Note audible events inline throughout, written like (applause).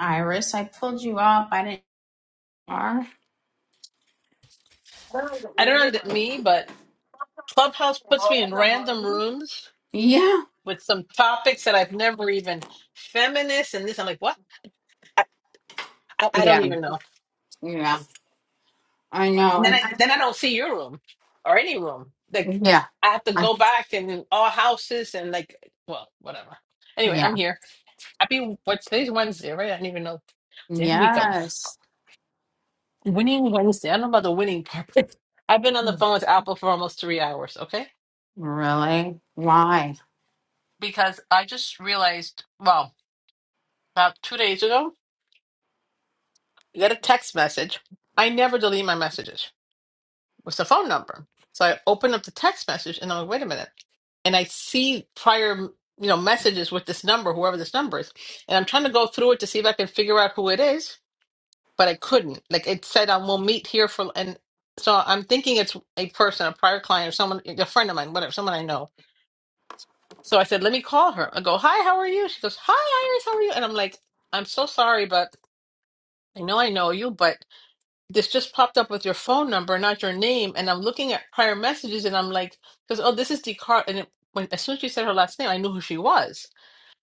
Iris, I pulled you up. I didn't. Are. I don't know that me, but Clubhouse puts me in random rooms Yeah. with some topics that I've never even feminist and this. I'm like, what? I, I, I don't Yeah. even know. Yeah. I What? know. And then And I I, then I don't see your room or any room. Like yeah. I have to I, go back and all houses and like well, whatever. Anyway, yeah. I'm here. Happy what's today's Wednesday, right? I don't even know. Day of the week I'm Yes. winning Wednesday. I don't know about the winning part, (laughs) but I've been on the phone with Apple for almost three hours, okay? Really? Why? Because I just realized, well, about two days ago You get a text message. I never delete my messages. It's a phone number. So I open up the text message and I'm like, wait a minute. And I see prior, you know, messages with this number, whoever this number is. And I'm trying to go through it to see if I can figure out who it is, but I couldn't. Like it said, um, we'll meet here for, and so I'm thinking it's a person, a prior client or someone, a friend of mine, whatever, someone I know. So I said, let me call her. I go, hi, how are you? She goes, hi, Iris, how are you? And I'm like, I'm so sorry, but I know I know you, but this just popped up with your phone number, not your name. And I'm looking at prior messages and I'm like, because, oh, this is Descartes. And it, when, as soon as she said her last name, I knew who she was.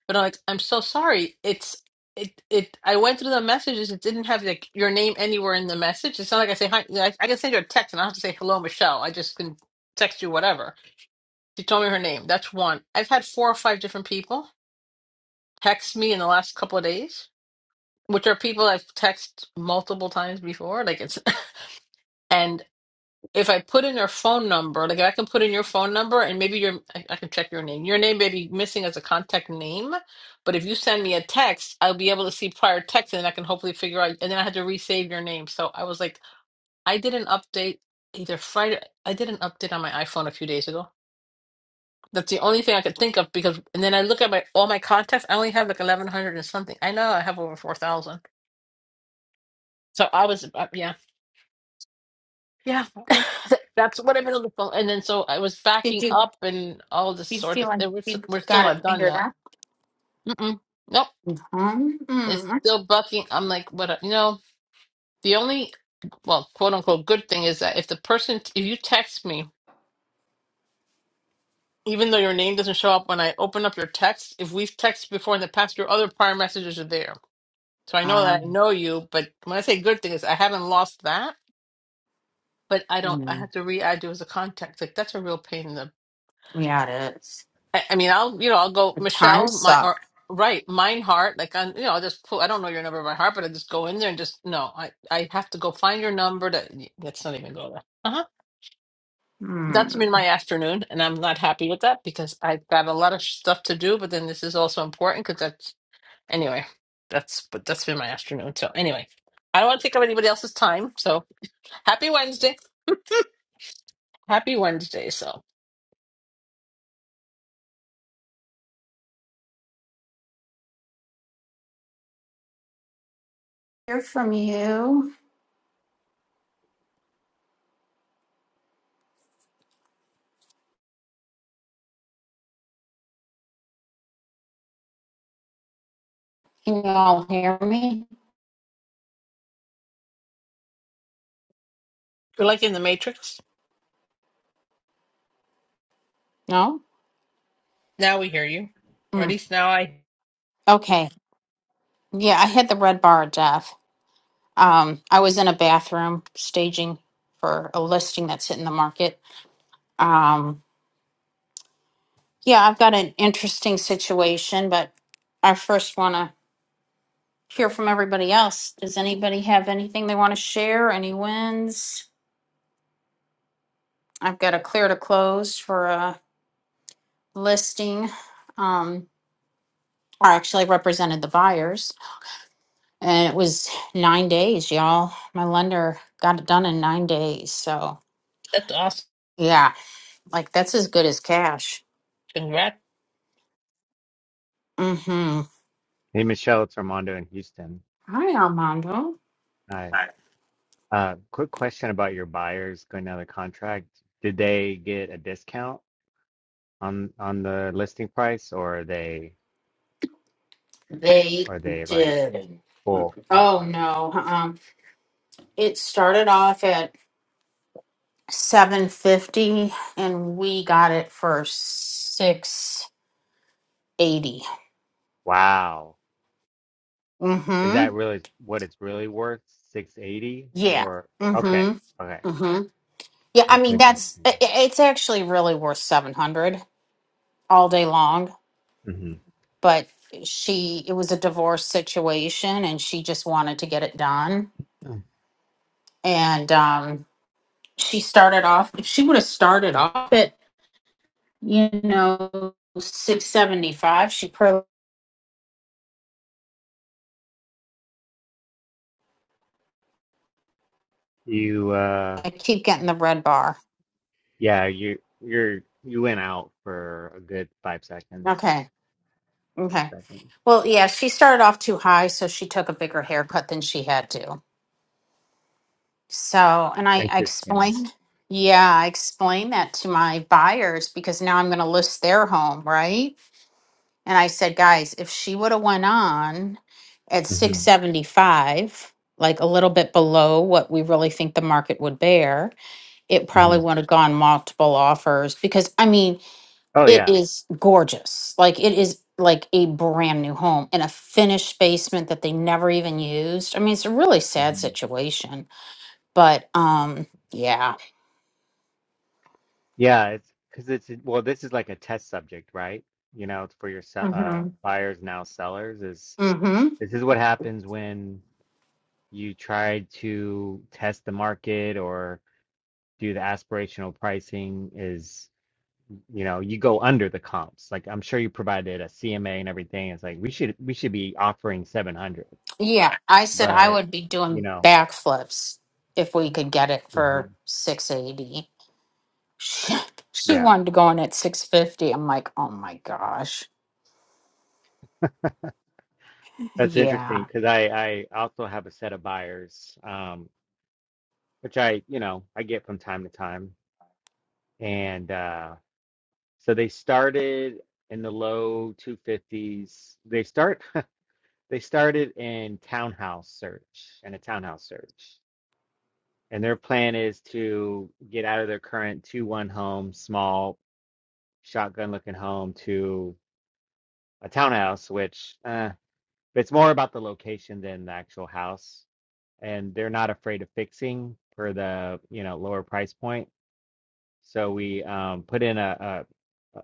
But I'm like, I'm so sorry. It's, it, it, I went through the messages. It didn't have like your name anywhere in the message. It's not like I say, hi, I, I can send you a text and I don't have to say, hello, Michelle. I just can text you whatever. She told me her name. That's one. I've had four or five different people text me in the last couple of days, which are people I've texted multiple times before. Like it's, (laughs) and. if I put in her phone number, like if I can put in your phone number and maybe your I, I can check your name. Your name may be missing as a contact name, but if you send me a text, I'll be able to see prior text and then I can hopefully figure out and then I had to resave your name. So I was like, I did an update either Friday I did an update on my iPhone a few days ago. That's the only thing I could think of because and then I look at my all my contacts, I only have like eleven hundred and something. I know I have over four thousand. So I was uh, yeah. Yeah, (laughs) that's what I've been on the phone. And then so I was Did backing you up and all this you sort feel of like thing. We're, s- you we're still got it not done figured though. out? Mm-mm. Nope. It's Mm-hmm. still bucking. I'm like, what? You know, the only, well, quote unquote, good thing is that if the person, if you text me, even though your name doesn't show up when I open up your text, if we've texted before in the past, your other prior messages are there. So I know that I Um, know you, but when I say good thing is I haven't lost that, but I don't, I mm, have to re-add you as a contact. Like that's a real pain in the. yeah, it is. I, I mean, I'll you know I'll go The time Michelle my or suck. right mine heart like I you know I'll just pull I don't know your number by heart but I just go in there and just no I I have to go find your number to let's not even go there. Uh huh. That's Hmm. been my afternoon, and I'm not happy with that because I've got a lot of stuff to do. But then this is also important because that's anyway. That's but that's been my afternoon. So anyway, I don't want to take up anybody else's time. So happy Wednesday. Happy Wednesday, so. Hear from you. Can you all hear me? You're like in the Matrix. No. Now we hear you. Or at Mm. least now I. Okay. Yeah, I had the red bar of death. Um, I was in a bathroom staging for a listing that's hitting the market. Um, yeah, I've got an interesting situation, but I first want to hear from everybody else. Does anybody have anything they want to share? Any wins? I've got a clear to close for a listing. Um, or actually, I represented the buyers, and it was nine days, y'all. My lender got it done in nine days, so. That's awesome. Yeah, Like that's as good as cash. Congrats. Mm-hmm. Hey, Michelle, it's Armando in Houston. Hi, Armando. Hi. Uh, quick question about your buyers going down the contract. Did they get a discount on on the listing price, or are they They are they like did. full Oh offer? no. uh It started off at seven fifty, and we got it for six eighty. Wow. Is that Mm-hmm. really what it's really worth? 680 Yeah. or okay. Okay. Mm-hmm. Mm-hmm. Yeah. I That's mean, that's i- interesting. i- it's actually really worth seven hundred all day long, hmm but she it was a divorce situation, and she just wanted to get it done, and um she started off if she would have started off at you know 675 she probably You uh i keep getting the red bar yeah, you you're you went out for a good five seconds, okay six okay seconds. well yeah she started off too high so she took a bigger haircut than she had to so and It's i, I interesting. explained yeah i explained that to my buyers because now i'm going to list their home right and i said guys if she would have went on at Mm-hmm. 675 like a little bit below what we really think the market would bear it hmm probably would have gone multiple offers because I mean, Oh it yeah. is gorgeous. Like it is like a brand new home in a finished basement that they never even used. I mean, it's a really sad hmm situation, but um yeah. Yeah, it's because it's well, this is like a test subject, right? You know, it's for your se- uh, Mhm. buyers now sellers is Mhm. this is what happens when you try to test the market or do the aspirational pricing is you know, you go under the comps. Like I'm sure you provided a CMA and everything. It's like we should we should be offering 700, Yeah, I said I but would be you doing know, backflips if we could get it for mhm, 680. She, (laughs) she yeah, wanted to go in at 650. I'm like, "Oh my gosh." that's interesting Yeah. because I I also have a set of buyers. Um, which I, you know, I get from time to time. And uh, so they started in the low 250s. They start (laughs) they started in townhouse search and a townhouse search. And their plan is to get out of their current 2-1 home, small shotgun looking home to a townhouse, which uh, it's more about the location than the actual house. And they're not afraid of fixing for the, you know, lower price point So we um, put in a, a,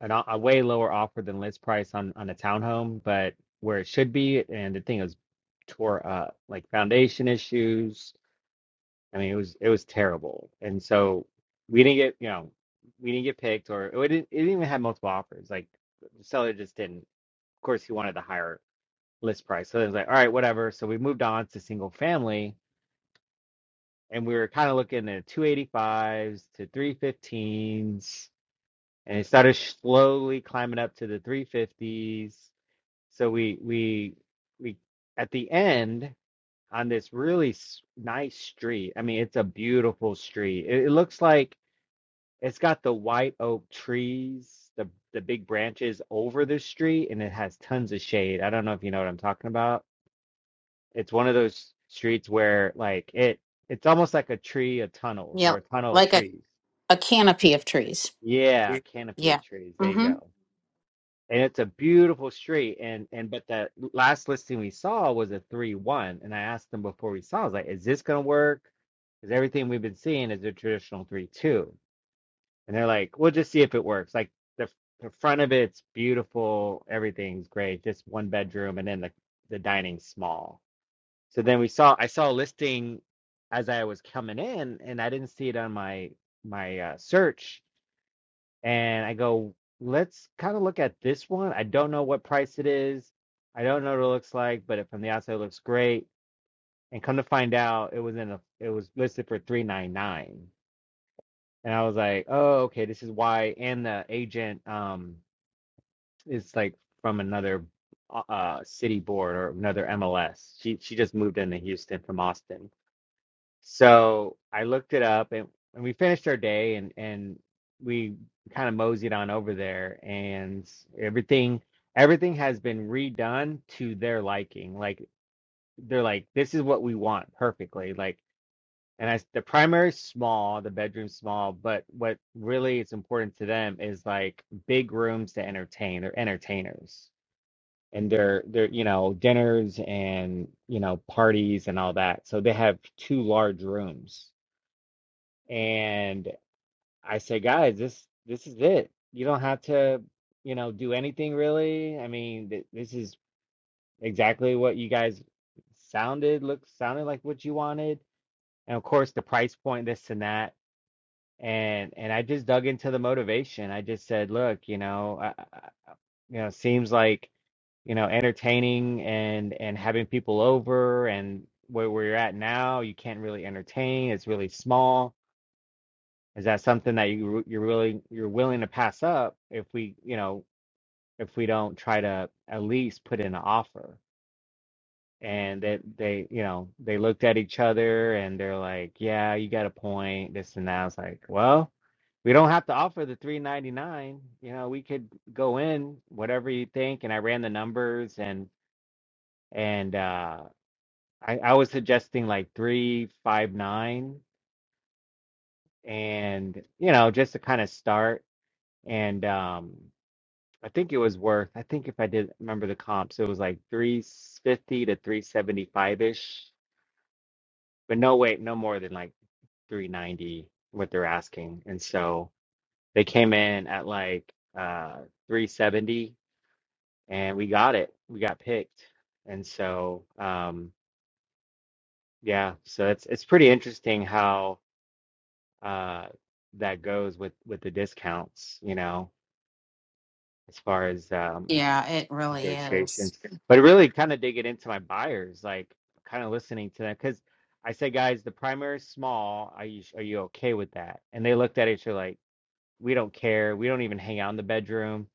an, o- a way lower offer than list price on, on a townhome, but where it should be. And the thing is, tore up like foundation issues. I mean, it was it was terrible. And so we didn't get you know we didn't get picked, or it didn't, it didn't even have multiple offers. Like the seller just didn't. Of course, he wanted the higher list price. So it was like, all right, whatever. So we moved on to single family, and we were kind of looking at 285s to 315s and it started slowly climbing up to the 350s. So we we we at the end on this really s- nice street. I mean, it's a beautiful street. It, it looks like it's got the white oak trees, the the big branches over the street, and it has tons of shade. I don't know if you know what I'm talking about. It's one of those streets where like it it's almost like a tree of tunnels Yeah, or a tunnel of like a trees. a canopy of trees. Yeah, canopy of Yeah. trees. There you Mm-hmm. go. and it's a beautiful street and and but that last listing we saw was a 3-1 and i asked them before we saw i was like is this going to work because everything we've been seeing is a traditional 3-2 and they're like we'll just see if it works like the, the front of it's beautiful everything's great just one bedroom and then the, the dining's small so then we saw i saw a listing as i was coming in and i didn't see it on my my uh, search and I go, let's kind of look at this one. I don't know what price it is. I don't know what it looks like, but it, from the outside it looks great. And come to find out, it was in a it was listed for three nine nine. And I was like, oh, okay, this is why. And the agent um is like from another uh uh, city board or another MLS. She she just moved into Houston from Austin. So I looked it up and, and we finished our day and, and we kind of moseyed on over there and everything everything has been redone to their liking. Like they're like, this is what we want perfectly. Like and I s the primary's small, the bedroom's small, but what really is important to them is like big rooms to entertain. They're entertainers. And they're they're you know, dinners and you know, parties and all that. So they have two large rooms and I say, guys, this this is it. You don't have to, you know, do anything really. I mean, th this is exactly what you guys sounded, look sounded like what you wanted. And of course, the price point, this and that. And and I just dug into the motivation. I just said, look, you know, I, I- you know, seems like, you know, entertaining and and having people over and where where you're at now, you can't really entertain. It's really small Is that something that you you're really you're willing to pass up if we, you know, if we don't try to at least put in an offer? And that they, you know, they looked at each other and they're like, "Yeah, you got a point." This and that. I was like, "Well, we don't have to offer the 399. You know, we could go in whatever you think." And I ran the numbers and and uh I, I was suggesting like 359 and you know, just to kind of start and um I think it was worth. I think if I did remember the comps, it was like 350 to 375 ish. But no, wait, no more than like 390 what they're asking. And so they came in at like uh 370 and we got it. We got picked. And so um yeah, so it's it's pretty interesting how uh that goes with with the discounts, you know, as far as um Yeah, it really is. negotiations, but really kind of digging into my buyers, like kind of listening to them because I said, guys, the primary is small. Are you are you okay with that? And they looked at each other like, we don't care. We don't even hang out in the bedroom.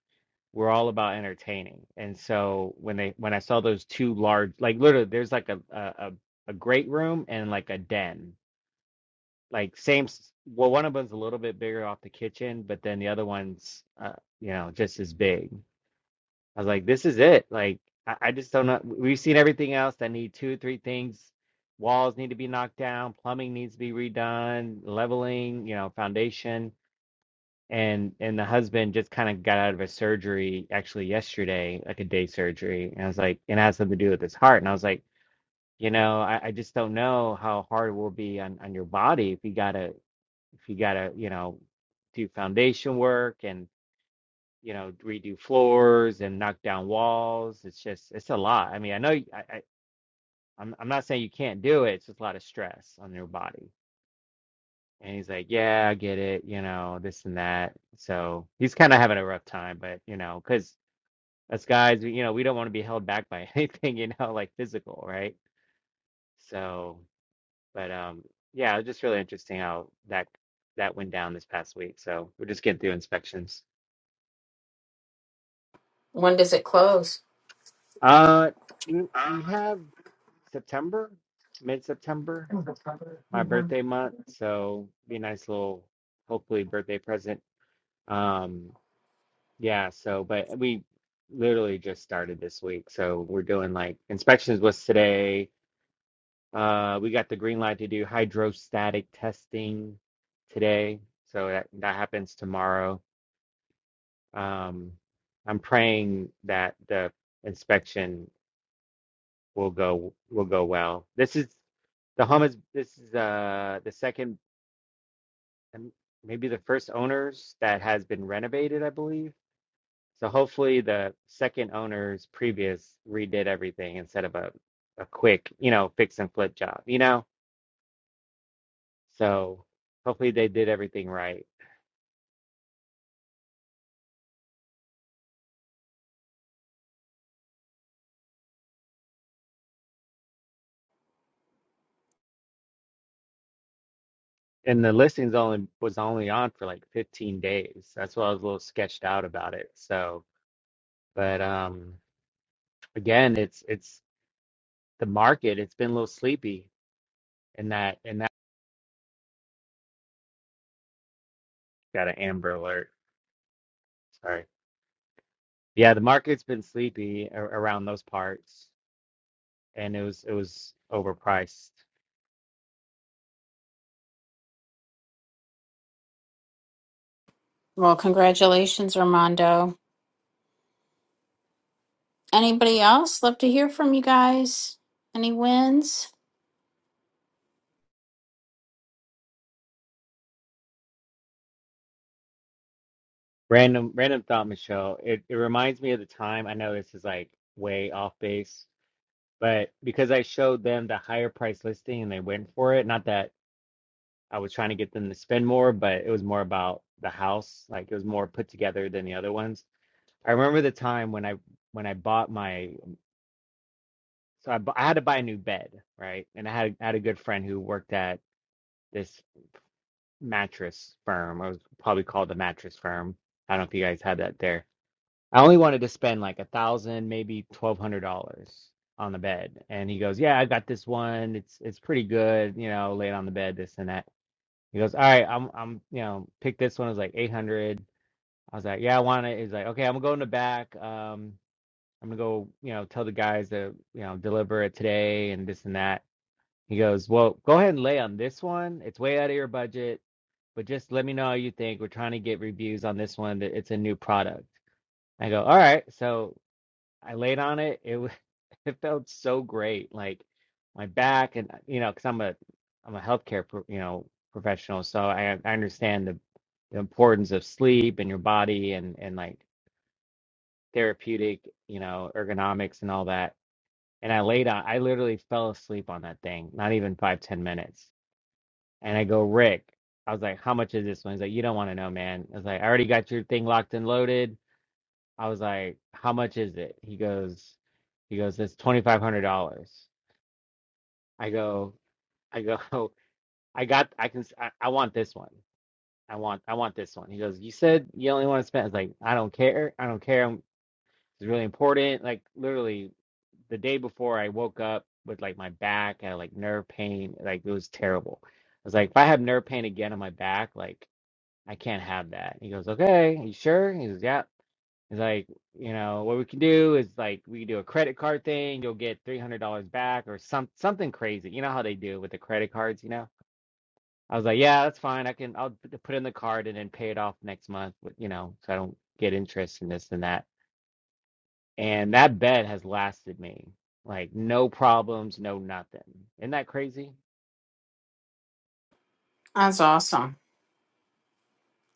We're all about entertaining. And so when they when I saw those two large, like literally, there's like a a a, a great room and like a den, like same. s- Well, one of them's a little bit bigger off the kitchen, but then the other one's, uh, you know, just as big. I was like, this is it. Like, I, I just don't know. We've seen everything else that need two, three things. Walls need to be knocked down, plumbing needs to be redone, leveling, you know, foundation. And and the husband just kind of got out of a surgery actually yesterday, like a day surgery. And I was like, and it has something to do with his heart. And I was like, you know, I, I just don't know how hard it will be on, on your body if you gotta if you gotta, you know, do foundation work and you know, redo floors and knock down walls. It's just it's a lot. I mean, I know I, i am I, I I'm I'm not saying you can't do it. It's just a lot of stress on your body. And he's like, yeah, I get it, you know, this and that. So he's kind of having a rough time, but you know, because us guys, we- you know, we don't want to be held back by (laughs) anything, you know, like physical, right? So, but um, yeah, it was just really interesting how that that went down this past week. So we're just getting through inspections. When does it close? Uh, we we have. September, mid-September, my hmm birthday month. So be a nice little, hopefully, birthday present. Um, yeah, so but we literally just started this week. So we're doing like inspections was today. Uh, we got the green light to do hydrostatic testing today. So that that happens tomorrow. Um, I'm praying that the inspection will go will go well. This is the home is this is uh the second and maybe the first owners that has been renovated, I believe. So hopefully the second owners previous redid everything instead of a, a quick, you know, fix and flip job, you know? So hopefully they did everything right. And the listings only was only on for like 15 days. That's why I was a little sketched out about it. So, but um again, it's it's the market, it's been a little sleepy in that in that got an Amber alert. Sorry. Yeah, the market's been sleepy a around those parts, and it was it was overpriced. Well, congratulations, Armando. Anybody else? Love to hear from you guys. Any wins? Random random thought, Michelle. It it reminds me of the time. I know this is like way off base, but because I showed them the higher price listing and they went for it. Not that I was trying to get them to spend more, but it was more about the house. Like it was more put together than the other ones. I remember the time when I when I bought my so I, bu- I had to buy a new bed, right? And I had I had a good friend who worked at this mattress firm. I was probably called the mattress firm. I don't know if you guys had that there. I only wanted to spend like a thousand, maybe twelve hundred dollars on the bed. And he goes, Yeah, I got this one. It's it's pretty good, you know, laid on the bed, this and that. He goes, All right, I'm I'm you know, pick this one. It was like eight hundred. I was like, Yeah, I want it. He's like, Okay, I'm gonna go in the back. Um I'm gonna go, you know, tell the guys to, you know, deliver it today and this and that. He goes, Well, go ahead and lay on this one. It's way out of your budget, but just let me know how you think. We're trying to get reviews on this one. It's a new product. I go, All right. So I laid on it. It, wa- (laughs) it felt so great. Like my back, and, uh, you know, because I'm a, I'm a healthcare, pro, you know, professional. So I, I understand the, the importance of sleep and your body and, and like therapeutic, you know, ergonomics and all that. And I laid on, I literally fell asleep on that thing, not even five ten minutes And I go, Rick, I was like, how much is this one? He's like, you don't want to know, man. I was like, I already got your thing locked and loaded. I was like, how much is it? He goes, he goes, that's twenty five hundred dollars. I go, I go, (laughs) I got, I can, s- I, I want this one. I want, I want this one. He goes, you said you only want to spend. I was like, I don't care, I don't care. I'm- It's really important. Like literally the day before, I woke up with like my back, I had like nerve pain, like it was terrible. I was like, if I have nerve pain again on my back, like. I can't have that. He goes, okay, you sure? He goes, yeah. He's like, you know, what we can do is like we can do a credit card thing. You'll get three hundred dollars back or some something crazy. You know how they do with the credit cards, you know? I was like, yeah, that's fine. I can I'll p- put in the card and then pay it off next month, with, you know, so I don't get interest in this and that. And that bet has lasted me like no problems, no nothing. Isn't that crazy? That's awesome.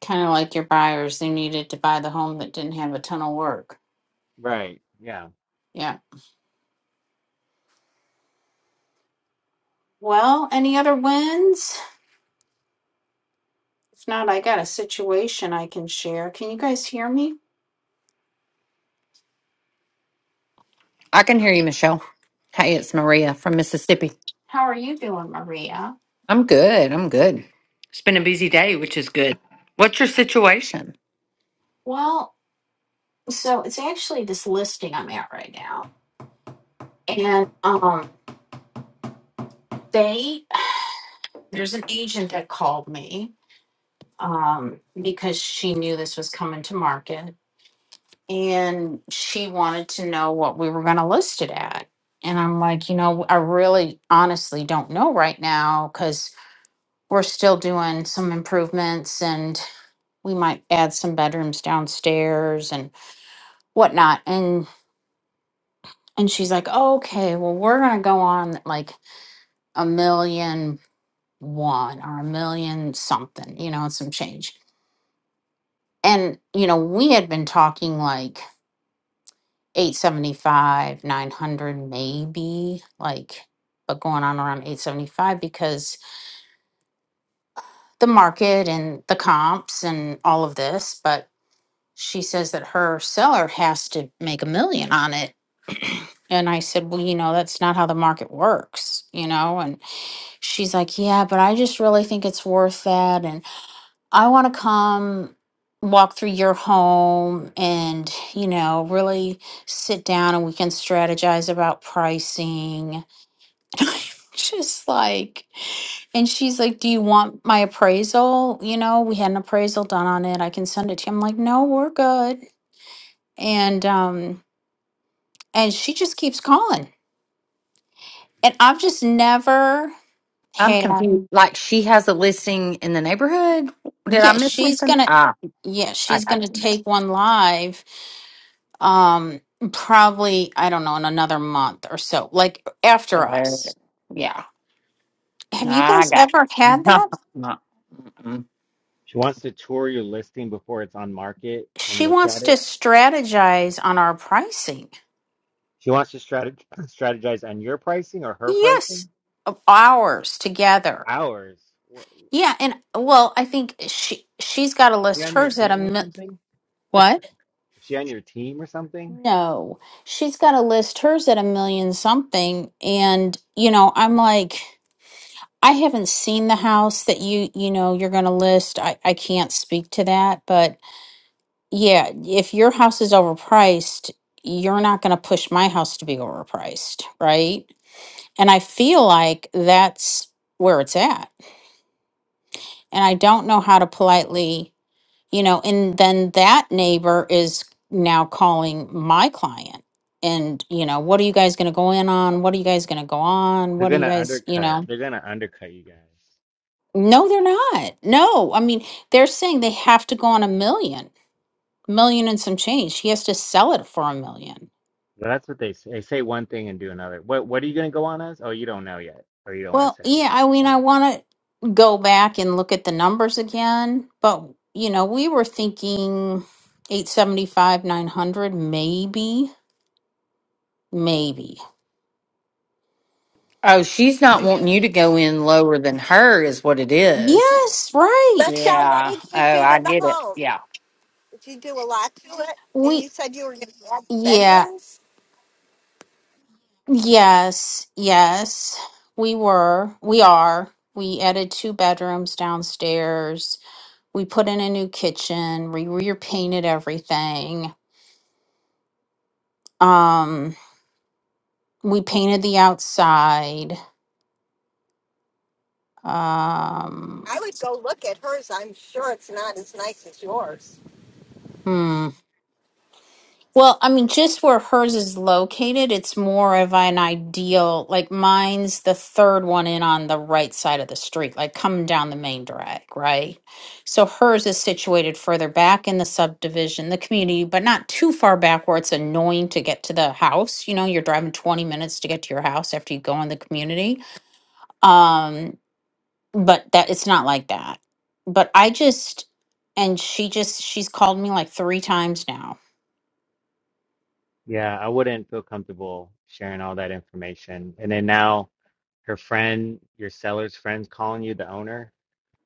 Kind of like your buyers. They needed to buy the home that didn't have a ton of work. Right. Yeah. Yeah. Well, any other wins? If not, I got a situation I can share. Can you guys hear me? I can hear you, Michelle. Hey, it's Maria from Mississippi. How are you doing, Maria? I'm good. I'm good. It's been a busy day, which is good. What's your situation? Well, so it's actually this listing I'm at right now. And um they there's an agent that called me um, because she knew this was coming to market and she wanted to know what we were going to list it at and i'm like you know i really honestly don't know right now because we're still doing some improvements and we might add some bedrooms downstairs and whatnot and and she's like oh, okay well we're going to go on like a million one or a million something you know and some change and you know we had been talking like 875 900 maybe like but going on around 875 because the market and the comps and all of this but she says that her seller has to make a million on it (clears throat) and i said well you know that's not how the market works you know and she's like yeah but i just really think it's worth that and. I want to come walk through your home and, you know, really sit down and we can strategize about pricing. (laughs) And I'm Just like, and she's like, Do you want my appraisal? You know, we had an appraisal done on it. I can send it to you. I'm like, No, we're good. And, um, and she just keeps calling. And I've just never I'm had, confused. Like she has a listing in the neighborhood. Did I yeah, miss she's something? gonna, Ah, yeah, I she's got gonna you. take one live um probably i don't know in another month or so like after Uh, us yeah, have you I guys got ever you. had that (laughs) Mm-mm. She wants to tour your listing before it's on market and she look at wants to it. strategize on our pricing She wants to strateg (clears throat) strategize on your pricing or her yes pricing? of ours together Ours. Wha- Is yeah and well i think she she's got to she list on your hers at a team or mi- something? what Is she on your team or something? no she's got to list hers at a million something and you know i'm like i haven't seen the house that you you know you're going to list i i can't speak to that but Yeah, if your house is overpriced, you're not going to push my house to be overpriced, right? And I feel like that's where it's at. And I don't know how to politely, you know, and then that neighbor is now calling my client. And, you know, what are you guys going to go in on? What are you guys going to go on? They're What are you gonna guys, you undercut. know? They're gonna undercut you guys. No, they're not. No, I mean, they're saying they have to go on a million, million and some change. He has to sell it for a million Well, that's what they say. They say one thing and do another. What What are you gonna go on as? Oh, you don't know yet, or you don't want to Well, say, yeah, which I is mean, I fine. want to go back and look at the numbers again, but you know, we were thinking 875, 900, maybe, maybe. oh, she's not wanting you to go in lower than her, is what it is. Yes, right. Michelle, what Yeah. did Oh, you do to I the get it. home? Yeah. Did you do a lot to it? And We, you said you were going to add yeah, bedrooms? yes, yes, we were, we are. We added two bedrooms downstairs. We put in a new kitchen. We repainted everything. Um, we painted the outside. Um, I would go look at hers. I'm sure it's not as nice as yours. Hmm. Well, I mean, just where hers is located, it's more of an ideal. Like mine's the third one in on the right side of the street, like coming down the main drag, right? So hers is situated further back in the subdivision, the community, but not too far back where it's annoying to get to the house. You know, you're driving 20 minutes to get to your house after you go in the community. Um, but that it's not like that. But I just, and she just, she's called me like three times now Yeah, I wouldn't feel comfortable sharing all that information. And then now, her friend, your seller's friend's calling you the owner.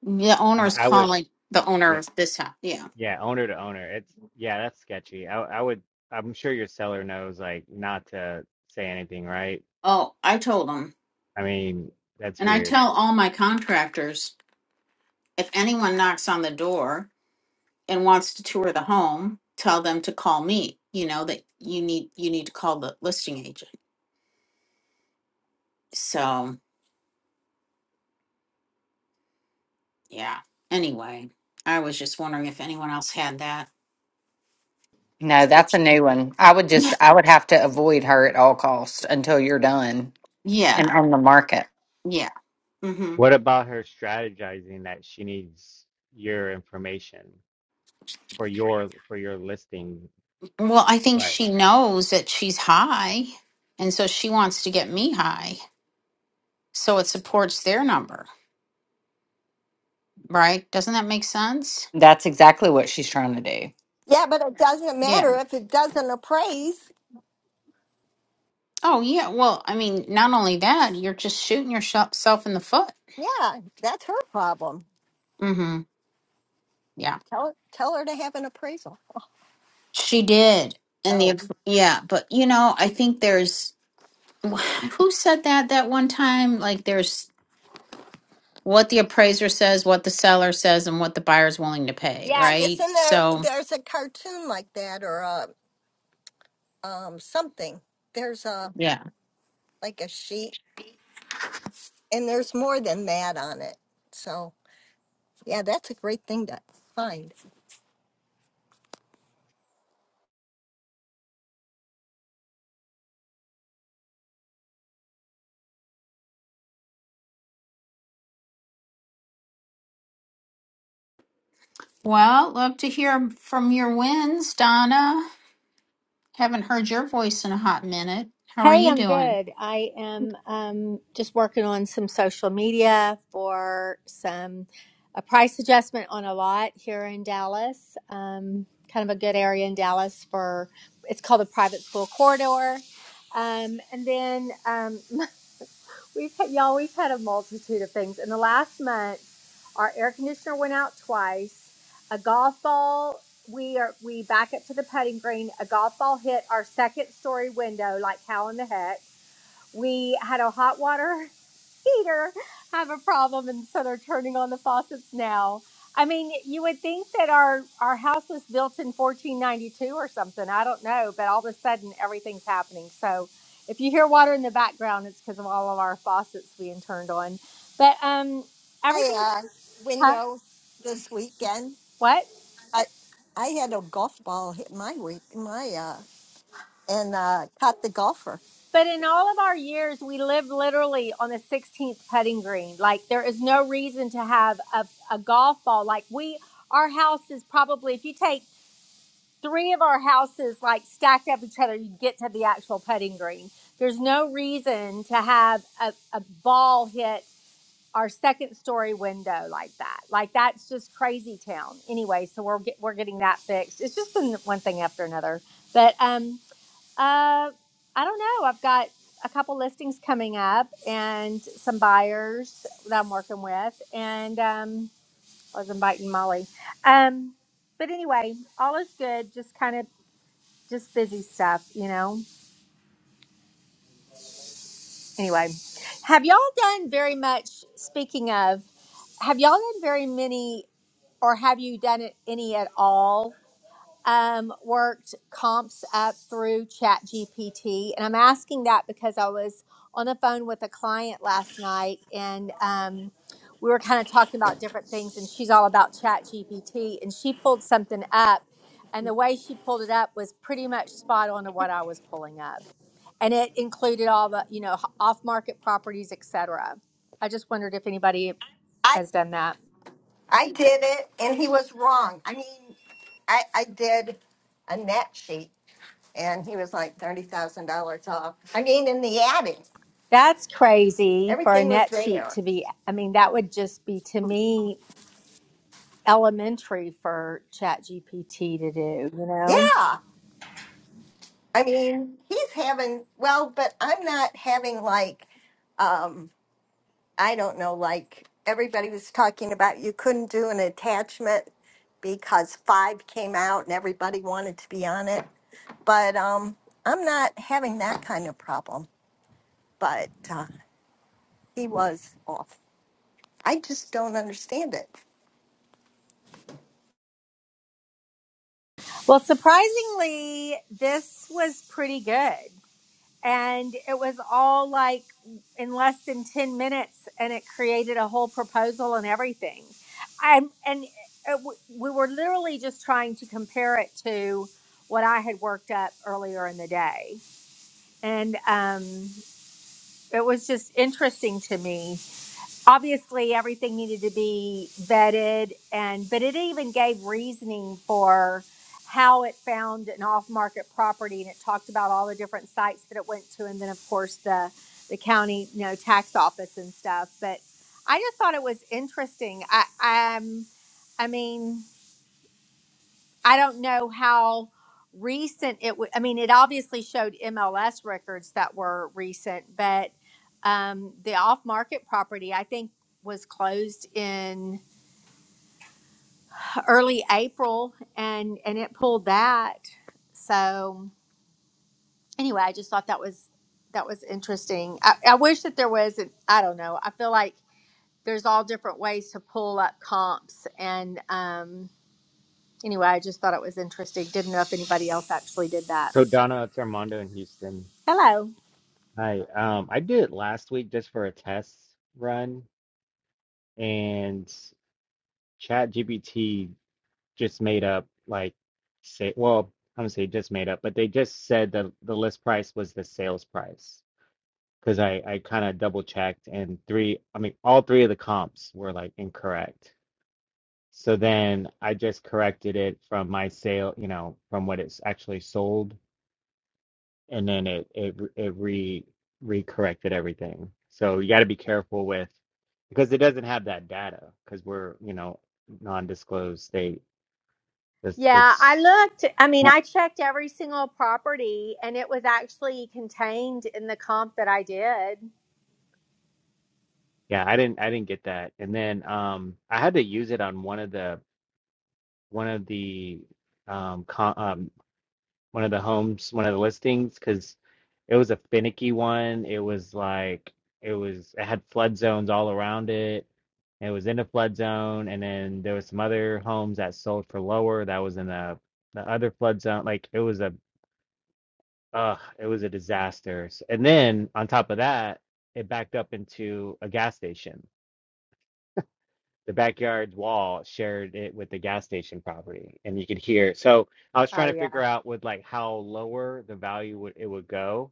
The I, owner's I would. calling the Yeah, owner of this house. Yeah. Yeah, owner to owner. It's yeah, that's sketchy. I I would I'm sure your seller knows like not to say anything, right? Oh, I told him. I mean, that's And I weird. tell all my contractors if anyone knocks on the door and wants to tour the home, tell them to call me. You know that you need you need to call the listing agent. So, yeah. Anyway, I was just wondering if anyone else had that. No, that's a situ- new one. I would (laughs) just, Yeah. I would have to avoid her at all costs until you're done and Yeah. on the market. Yeah. hmm What about her strategizing that she needs your information for your for your listing Well, I think price? she knows that she's high, and so she wants to get me high. So it supports their number. right? Doesn't that make sense? That's exactly what she's trying to do. Yeah, but it doesn't Yeah. matter if it doesn't appraise. Oh, yeah. Well, I mean, not only that, you're just shooting yourself in the foot. Yeah, that's her problem. Mm-hmm. Yeah. Tell tell her to have an appraisal. She did. And Oh, the, yeah. But, you know, I think there's, (sighs) who said that that one time? Like, there's what the appraiser says, what the seller says, and what the buyer's willing to pay, yeah. right? Isn't there? So, There's a cartoon like that, or a um something. There's a yeah. like a sheet, and there's more than that on it. So yeah, that's a great thing to find. Well, love to hear from your wins, Donna. Haven't heard your voice in a hot minute. How are Hey, you I'm doing? good. I am um, just working on some social media for some a price adjustment on a lot here in Dallas. Um, kind of a good area in Dallas for it's called the private school corridor. Um, and then um, (laughs) we've had, y'all we've had a multitude of things in the last month. Our air conditioner went out twice. A golf ball. We are we back up to the putting green. A golf ball hit our second story window. Like how in the heck? we had a hot water (laughs) heater have a problem and so they're turning on the faucets now i mean you would think that our our house was built in 1492 or something i don't know but all of a sudden everything's happening so if you hear water in the background it's because of all of our faucets being turned on but um my everything's uh, huh window this weekend. what I I had a golf ball hit my week my uh and uh caught the golfer. But in all of our years, we lived literally on the 16th putting green. Like there is no reason to have a, a golf ball. Like we, our house is probably, if you take three of our houses like stacked up each other, you get to the actual putting green. There's no reason to have a, a ball hit our second story window like that. Like that's just crazy town. Anyway, so we're get, we're getting that fixed. It's just been one thing after another. But um uh, I don't know. I've got a couple listings coming up and some buyers that I'm working with, and um, I was inviting Molly. Um, but anyway, all is good. Just kind of just busy stuff, you know. Anyway, have y'all done very much? Speaking of, have y'all done very many, or have you done it any at all um, worked comps up through ChatGPT. And I'm asking that because I was on the phone with a client last night and um, we were kind of talking about different things, and she's all about ChatGPT. And she pulled something up, and the way she pulled it up was pretty much spot on to what I was pulling up. And it included all the, you know, off market properties, et cetera. I just wondered if anybody I has done that. I did it and he was wrong. I mean I I did a net sheet and he was like thirty thousand dollars off. I mean in the adding That's crazy for a Everything was net sheet there. to be. I mean, that would just be to me elementary for ChatGPT to do, you know? Yeah. I mean he's having well, but I'm not having like um I don't know, like everybody was talking about you couldn't do an attachment because five came out and everybody wanted to be on it. But um, I'm not having that kind of problem. But uh, he was off. I just don't understand it. Well, surprisingly, this was pretty good. And it was all like in less than 10 minutes, and it created a whole proposal and everything. I'm, and it, w- we were literally just trying to compare it to what I had worked up earlier in the day. And, um, it was just interesting to me. Obviously, everything needed to be vetted, and but it even gave reasoning for how it found an off-market property, and it talked about all the different sites that it went to, and then of course the the county, you know, tax office and stuff. But I just thought it was interesting. I um, I mean. I don't know how recent it would. I mean, it obviously showed MLS records that were recent, but um, the off market property, I think, was closed in early April, and and it pulled that. So anyway, I just thought that was that was interesting. I, I wish that there was. An, I don't know. I feel like there's all different ways to pull up comps, and um, anyway, I just thought it was interesting. Didn't know if anybody else actually did that. So Donna, it's Armando in Houston. Hello. Hi. Um, I did it last week just for a test run and ChatGPT. just made up like say well I'm gonna say just made up, but they just said that the list price was the sales price because I I kind of double checked and three I mean all three of the comps were like incorrect. So then I just corrected it from my sale, you know, from what it's actually sold, and then it it it re recorrected everything. So you got to be careful with because it doesn't have that data because we're you know non-disclosed state. It's Yeah, I it's looked. I mean, I checked every single property and it was actually contained in the comp that I did. Yeah, I didn't I didn't get that. And then um I had to use it on one of the one of the um, co um one of the homes, one of the listings because it was a finicky one. It was like it was it had flood zones all around it. It was in a flood zone and then there was some other homes that sold for lower that was in the the other flood zone. Like it was a uh it was a disaster. S- And then on top of that, it backed up into a gas station. the backyard wall shared it with the gas station property and you could hear so i was Oh, trying to yeah. figure out with like how lower the value would it would go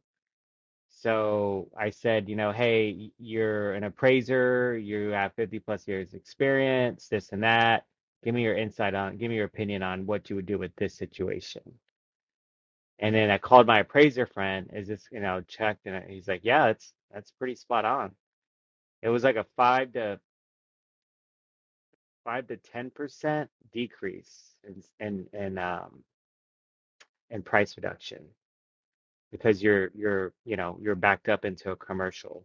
so i said you know hey y- you're an appraiser you have 50 plus years experience this and that give me your insight on give me your opinion on what you would do with this situation and then i called my appraiser friend is this you know checked and he's like yeah it's that's pretty spot on it was like a five to five to ten percent decrease in in in um in price reduction because you're you're you know you're backed up into a commercial,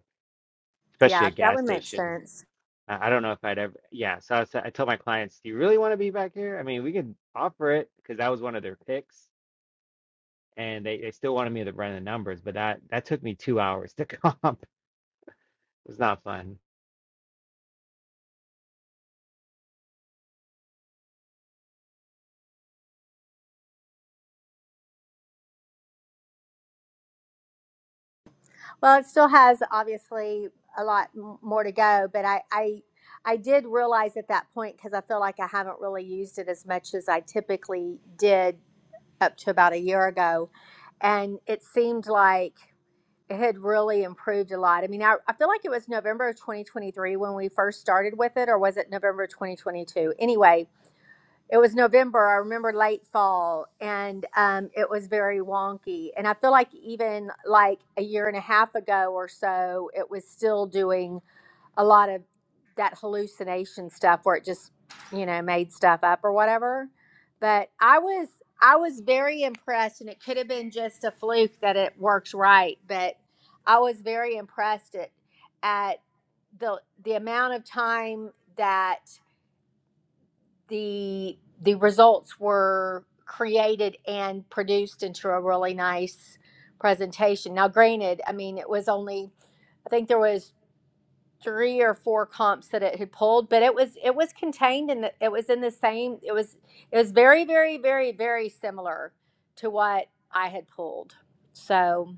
especially Yeah, a that gas would make station. sense. I, I don't know if I'd ever yeah. So I, was, I told my clients, do you really want to be back here? I mean, we could offer it because that was one of their picks, and they they still wanted me to run the numbers, but that that took me two hours to (laughs) comp. It was not fun. Well, it still has obviously a lot m- more to go, but I, I, I did realize at that point because I feel like I haven't really used it as much as I typically did up to about a year ago. And it seemed like it had really improved a lot. I mean, I, I feel like it was November of 2023 when we first started with it, or was it November 2022? Anyway, it was November. I remember late fall, and um, it was very wonky. And I feel like even like a year and a half ago or so, it was still doing a lot of that hallucination stuff where it just you know made stuff up or whatever but i was i was very impressed and it could have been just a fluke that it works right but i was very impressed at, at the the amount of time that the the results were created and produced into a really nice presentation now granted i mean it was only I think there was three or four comps that it had pulled, but it was it was contained in the it was in the same it was it was very very very very similar to what I had pulled. So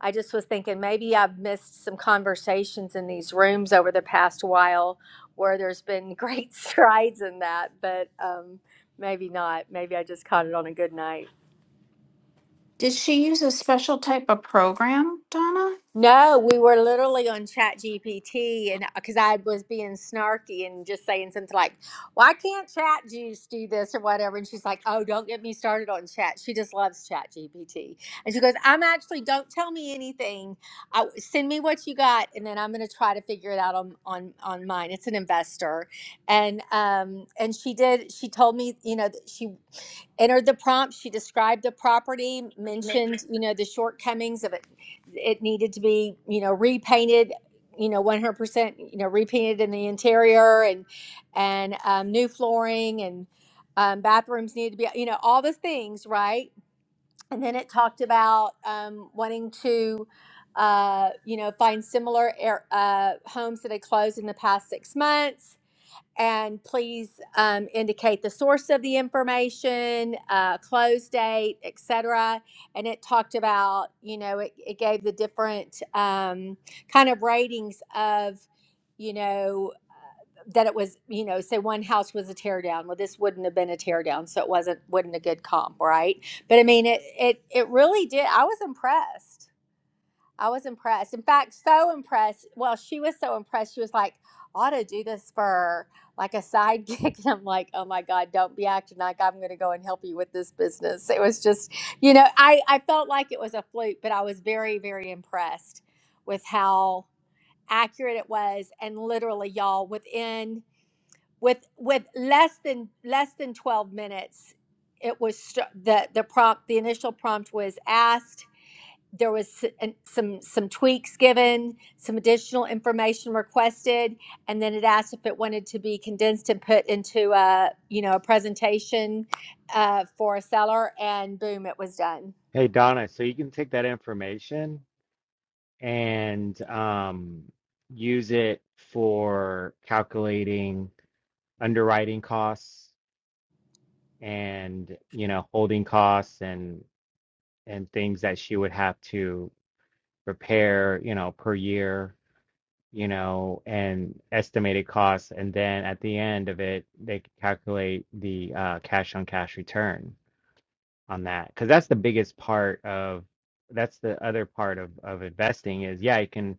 I just was thinking maybe I've missed some conversations in these rooms over the past while where there's been great (laughs) strides in that, but um, maybe not. Maybe I just caught it on a good night. Did she use a special type of program, Donna? No, we were literally on Chat GPT, and because I was being snarky and just saying something like, "Why can't Chat Juice do this or whatever?" And she's like, "Oh, don't get me started on Chat. She just loves Chat GPT." And she goes, "I'm actually don't tell me anything. I, send me what you got, and then I'm going to try to figure it out on on on mine. It's an investor, and um and she did. She told me, you know, that she entered the prompt. She described the property, mentioned, you know, the shortcomings of it it needed to be you know repainted you know 100% you know repainted in the interior and and um, new flooring and um, bathrooms needed to be you know all the things right and then it talked about um, wanting to uh, you know find similar air, uh, homes that had closed in the past six months and please um, indicate the source of the information, uh, close date, et cetera. And it talked about, you know, it, it gave the different um, kind of ratings of, you know, that it was, you know, say one house was a tear down. Well, this wouldn't have been a tear down, so it wasn't wasn't a good comp, right? But I mean, it it it really did. I was impressed. I was impressed. In fact, so impressed. Well, she was so impressed. She was like, I ought to do this for like a side gig. (laughs) And I'm like, oh my God, don't be acting like I'm going to go and help you with this business. It was just, you know, I, I felt like it was a fluke, but I was very, very impressed with how accurate it was. And literally, y'all, within, with, with less than, less than 12 minutes, it was st- the, the prompt, the initial prompt was asked there was some some tweaks given, some additional information requested, and then it asked if it wanted to be condensed and put into a you know a presentation uh, for a seller, and boom, it was done. Hey Donna, so you can take that information and um, use it for calculating underwriting costs and you know holding costs and and things that she would have to repair you know per year you know and estimated costs and then at the end of it they could calculate the uh, cash on cash return on that because that's the biggest part of that's the other part of of investing is yeah you can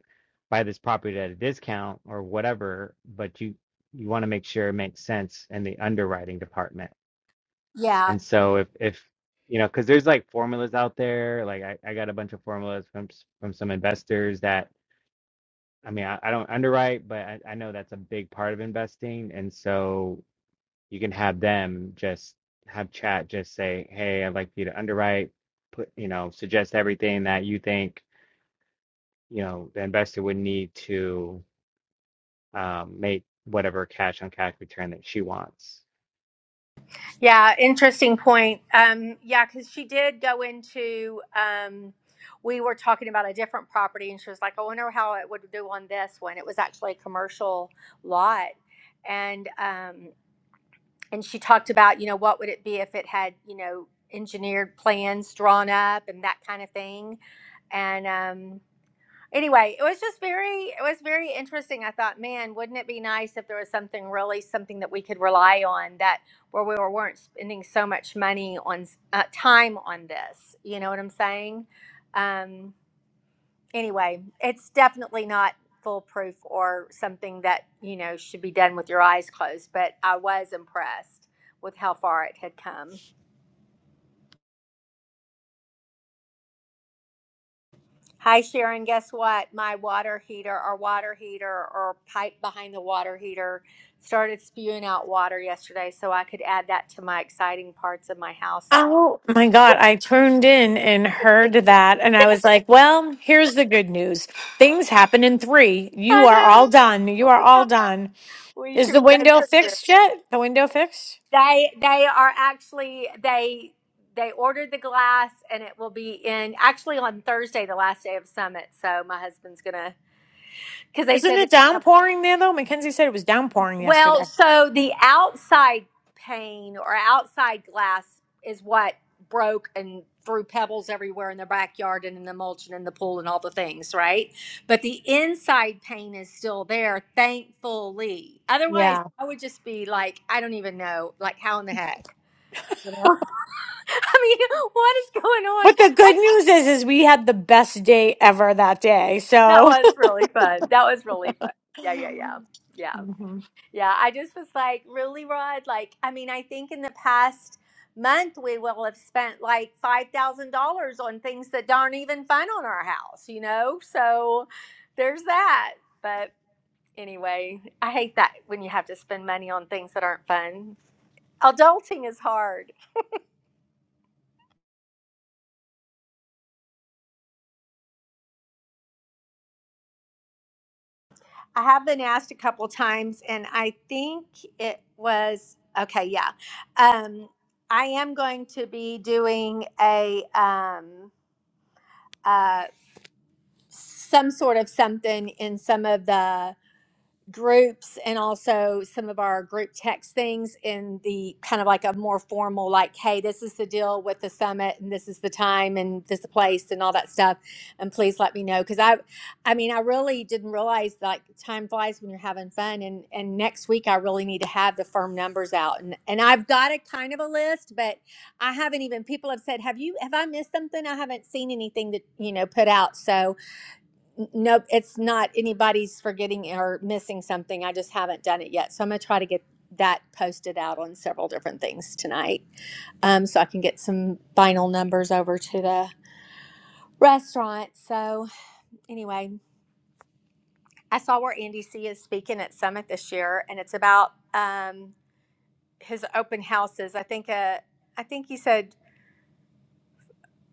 buy this property at a discount or whatever but you you want to make sure it makes sense in the underwriting department Yeah, and so if if you know because there's like formulas out there like I, I got a bunch of formulas from s- from some investors that I mean I, I don't underwrite but I, I know that's a big part of investing and so you can have them just have chat just say hey i'd like you to underwrite put you know suggest everything that you think you know the investor would need to um, make whatever cash on cash return that she wants yeah, interesting point. Um, yeah, because she did go into. Um, we were talking about a different property, and she was like, "I wonder how it would do on this one." It was actually a commercial lot, and um, and she talked about you know what would it be if it had you know engineered plans drawn up and that kind of thing and um anyway it was just very it was very interesting i thought man wouldn't it be nice if there was something really something that we could rely on that where we were, weren't spending so much money on s- uh, time on this you know what i'm saying Um, anyway, it's definitely not foolproof or something that, you know, should be done with your eyes closed, but I was impressed with how far it had come. Hi, Sharon. Guess what? My water heater or water heater or pipe behind the water heater started spewing out water yesterday, so I could add that to my exciting parts of my house. Oh my God. I tuned in and heard that. And I was like, well, here's the good news. Things happen in three. You I are all done. You know. are We, all are- done. we Is should the be done window for the year. fixed yet? The window fixed? They they are actually they they ordered the glass and it will be in actually on Thursday, the last day of summit. So my husband's gonna because they Isn't said it it. downpouring there though? Mackenzie said it was downpouring Well, yesterday. so the outside pane or outside glass is what broke and threw pebbles everywhere in the backyard and in the mulch and in the pool and all the things, right? But the inside pane is still there, thankfully. Otherwise, Yeah. I would just be like, I don't even know, like how in the heck, you know? (laughs) I mean, what is going on? But the good That's, news is, is we had the best day ever that day. that So was really fun. That was really fun. (laughs) Yeah, yeah, yeah. Yeah. Mhm. Yeah. I just was like, really, Rod? Like, I mean, I think in the past month, we will have spent like $5,000 on things that aren't even fun on our house, you know? So there's that. But anyway, I hate that when you have to spend money on things that aren't fun. Adulting is hard. I have been asked a couple times, and I think it was okay. Yeah, um, I am going to be doing a um, uh, some sort of something in some of the groups and also some of our group text things in the kind of like a more formal like hey this is the deal with the summit and this is the time and this is the place and all that stuff and please let me know because i i mean i really didn't realize like time flies when you're having fun and and next week i really need to have the firm numbers out and and i've got a kind of a list but i haven't even people have said have you have i missed something i haven't seen anything that you know put out so N- Nope, it's not anybody's forgetting or missing something. I just haven't done it yet. So I'm going to try to get that posted out on several different things tonight um, so I can get some final numbers over to the restaurant. So, anyway, I saw where Andy C is speaking at Summit this year, and it's about um, his open houses. I think, uh, I think he said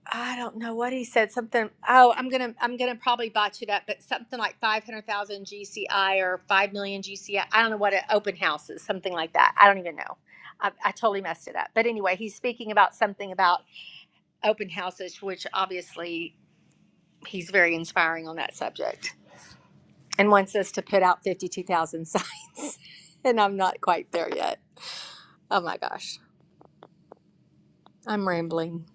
I don't know what he said. Something. Oh, I'm gonna I'm gonna probably botch it up, but something like five hundred thousand GCI or five million GCI. I I don't know what an open house is. Something like that. I don't even know. I, I totally messed it up. But anyway, he's speaking about something about open houses, which obviously he's very inspiring on that subject, and wants us to put out fifty two thousand signs. (laughs) and I'm not quite there yet. Oh my gosh, I'm rambling.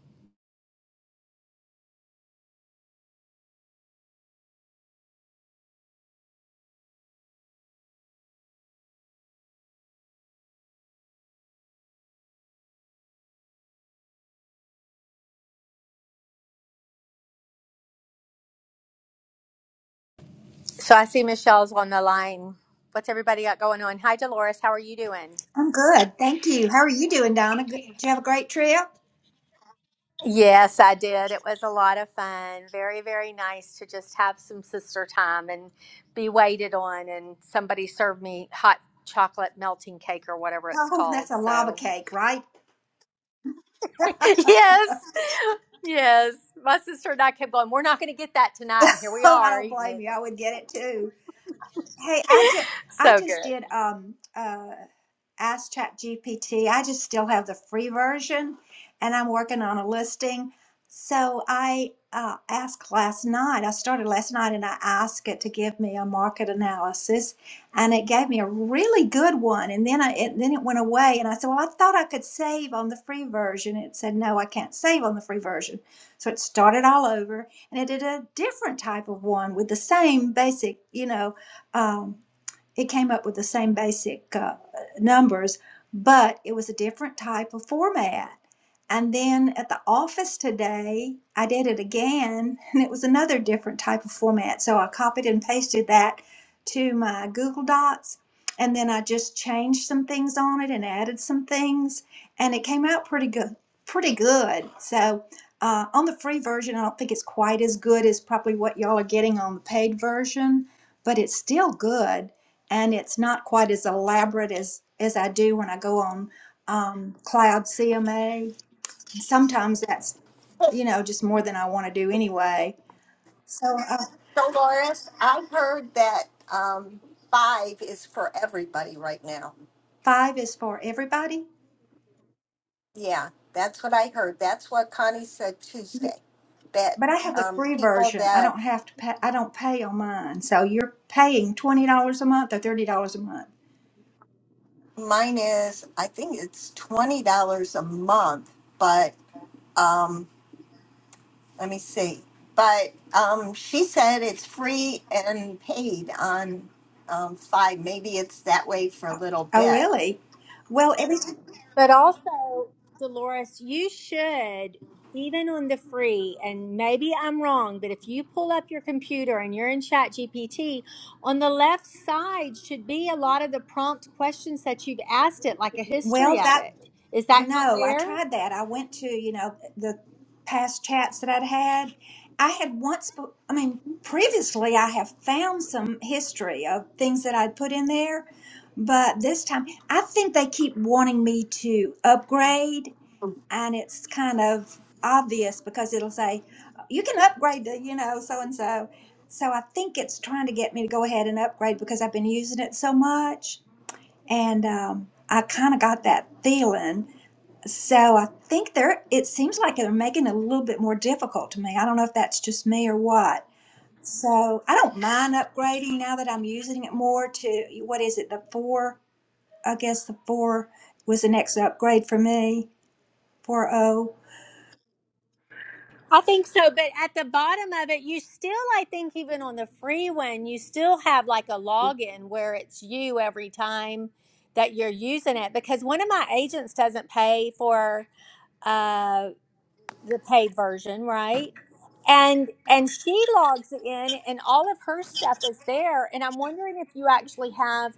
So I see Michelle's on the line. What's everybody got going on? Hi, Dolores. How are you doing? I'm good. Thank you. How are you doing, Donna? Good. Did you have a great trip? Yes, I did. It was a lot of fun. Very, very nice to just have some sister time and be waited on. And somebody served me hot chocolate melting cake or whatever it's Oh, called. that's a lava So, cake, right? (laughs) (laughs) yes, yes. My sister and I kept going, We're not going to get that tonight. And here we Oh, I are don't eating blame it. you. I would get it too. Hey, I just I So just good. did um uh ask ChatGPT. I just still have the free version and I'm working on a listing. So I uh, asked last night, I started last night and I asked it to give me a market analysis and it gave me a really good one. And then I it, then it went away and I said, "Well, I thought I could save on the free version." It said, "No, I can't save on the free version." So it started all over and it did a different type of one with the same basic, you know, um, it came up with the same basic uh, numbers, but it was a different type of format. And then at the office today, I did it again, (laughs) and it was another different type of format. So I copied and pasted that to my Google Docs, and then I just changed some things on it and added some things, and it came out pretty good. Pretty good. So uh, on the free version, I don't think it's quite as good as probably what y'all are getting on the paid version but it's still good and it's not quite as elaborate as as I do when I go on um, cloud CMA. Sometimes that's you know just more than I want to do anyway. So uh, So, Loris, I heard that um, five is for everybody right now. five is for everybody, Yeah, that's what I heard. That's what Connie said Tuesday. That but I have the um, free people version. I that don't have to pay. I don't pay on mine. So you're paying twenty dollars a month or thirty dollars a month. Mine is, I think it's twenty dollars a month, but um, let me see. But um, she said it's free and paid on um, five. Maybe it's that way for a little Oh bit. really? Well every time. But also, Dolores, you should, even on the free, and maybe I'm wrong, but if you pull up your computer and you're in Chat GPT, on the left side should be a lot of the prompt questions that you've asked it, like a well history of that it. Is that not No, I there? tried that. I went to, you know, the past chats that I'd had. I had once, be- I mean, previously I have found some history of things that I'd put in there, but this time I think they keep wanting me to upgrade, and it's kind of obvious because it'll say, you can upgrade to, you know, so and so. So I think it's trying to get me to go ahead and upgrade because I've been using it so much. And um, I kind of got that feeling so I think they're, it seems like they're making it a little bit more difficult to me. I don't know if that's just me or what. So I don't mind upgrading now that I'm using it more to, what is it, the four? I guess the four was the next upgrade for me, Four O. I think so, but at the bottom of it, you still, I think, even on the free one, you still have like a login where it's you every time that you're using it. Because one of my agents doesn't pay for the paid version, right? And and she logs in and all of her stuff is there. And I'm wondering if you actually have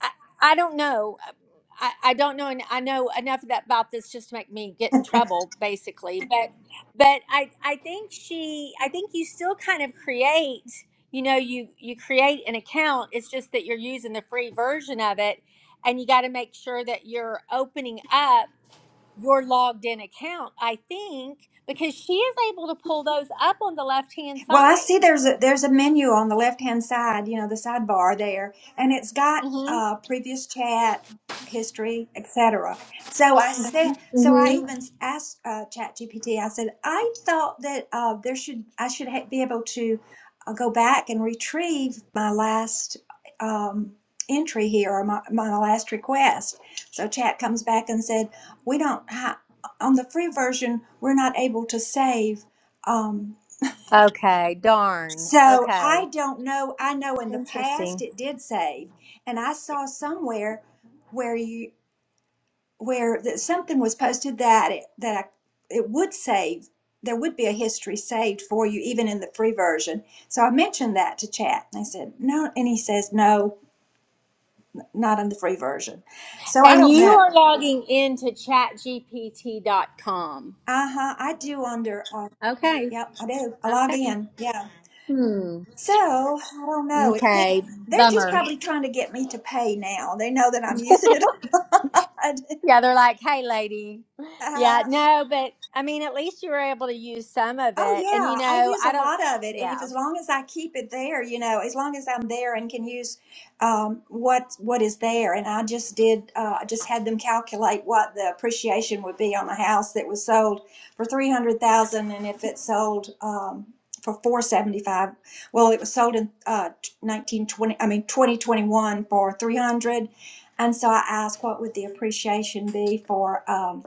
I, I don't know. I, I don't know and I know enough of that about this just to make me get in trouble basically. (laughs) But but I I think she I think you still kind of create you know you you create an account it's just that you're using the free version of it and you got to make sure that you're opening up your logged in account, I think, because she is able to pull those up on the left hand Well, I see side. there's a there's a menu on the left hand side, you know, the sidebar there, and it's got hmm uh, previous chat history, etc. So I said, so I hmm even asked uh, ChatGPT. I said, I thought that uh, there should I should ha- be able to uh, go back and retrieve my last um, entry here or my, my last request. So Chat comes back and said, we don't ha- on the free version, we're not able to save. Um, Okay, darn. so Okay, I don't know. I know in the past interesting. it did save, and I saw somewhere where you where that something was posted that it that I, it would save. There would be a history saved for you, even in the free version. So I mentioned that to chat, and I said no, and he says no, not in the free version. So I And don't you know. are logging into chatgpt.com. Uh huh. I do under. Uh, Okay, yep, I do. I log okay. in. Yeah. Hmm. So I don't know. It could. Okay, They're just bummer. probably trying to get me to pay now. They know that I'm using it. (laughs) Yeah, they're like, hey, lady. a Yeah, lot. no, but I mean, at least you were able to use some of Oh it. And you yeah, I know, use a I don't, lot of it, and if yeah, as long as I keep it there, you know, as long as I'm there and can use um, what what is there, and I just did, uh, I just had them calculate what the appreciation would be on a house that was sold for three hundred thousand, and if it sold um, for four seventy five, well, it was sold in uh, nineteen twenty, I mean twenty twenty one for three hundred, and so I asked what would the appreciation be for. Um,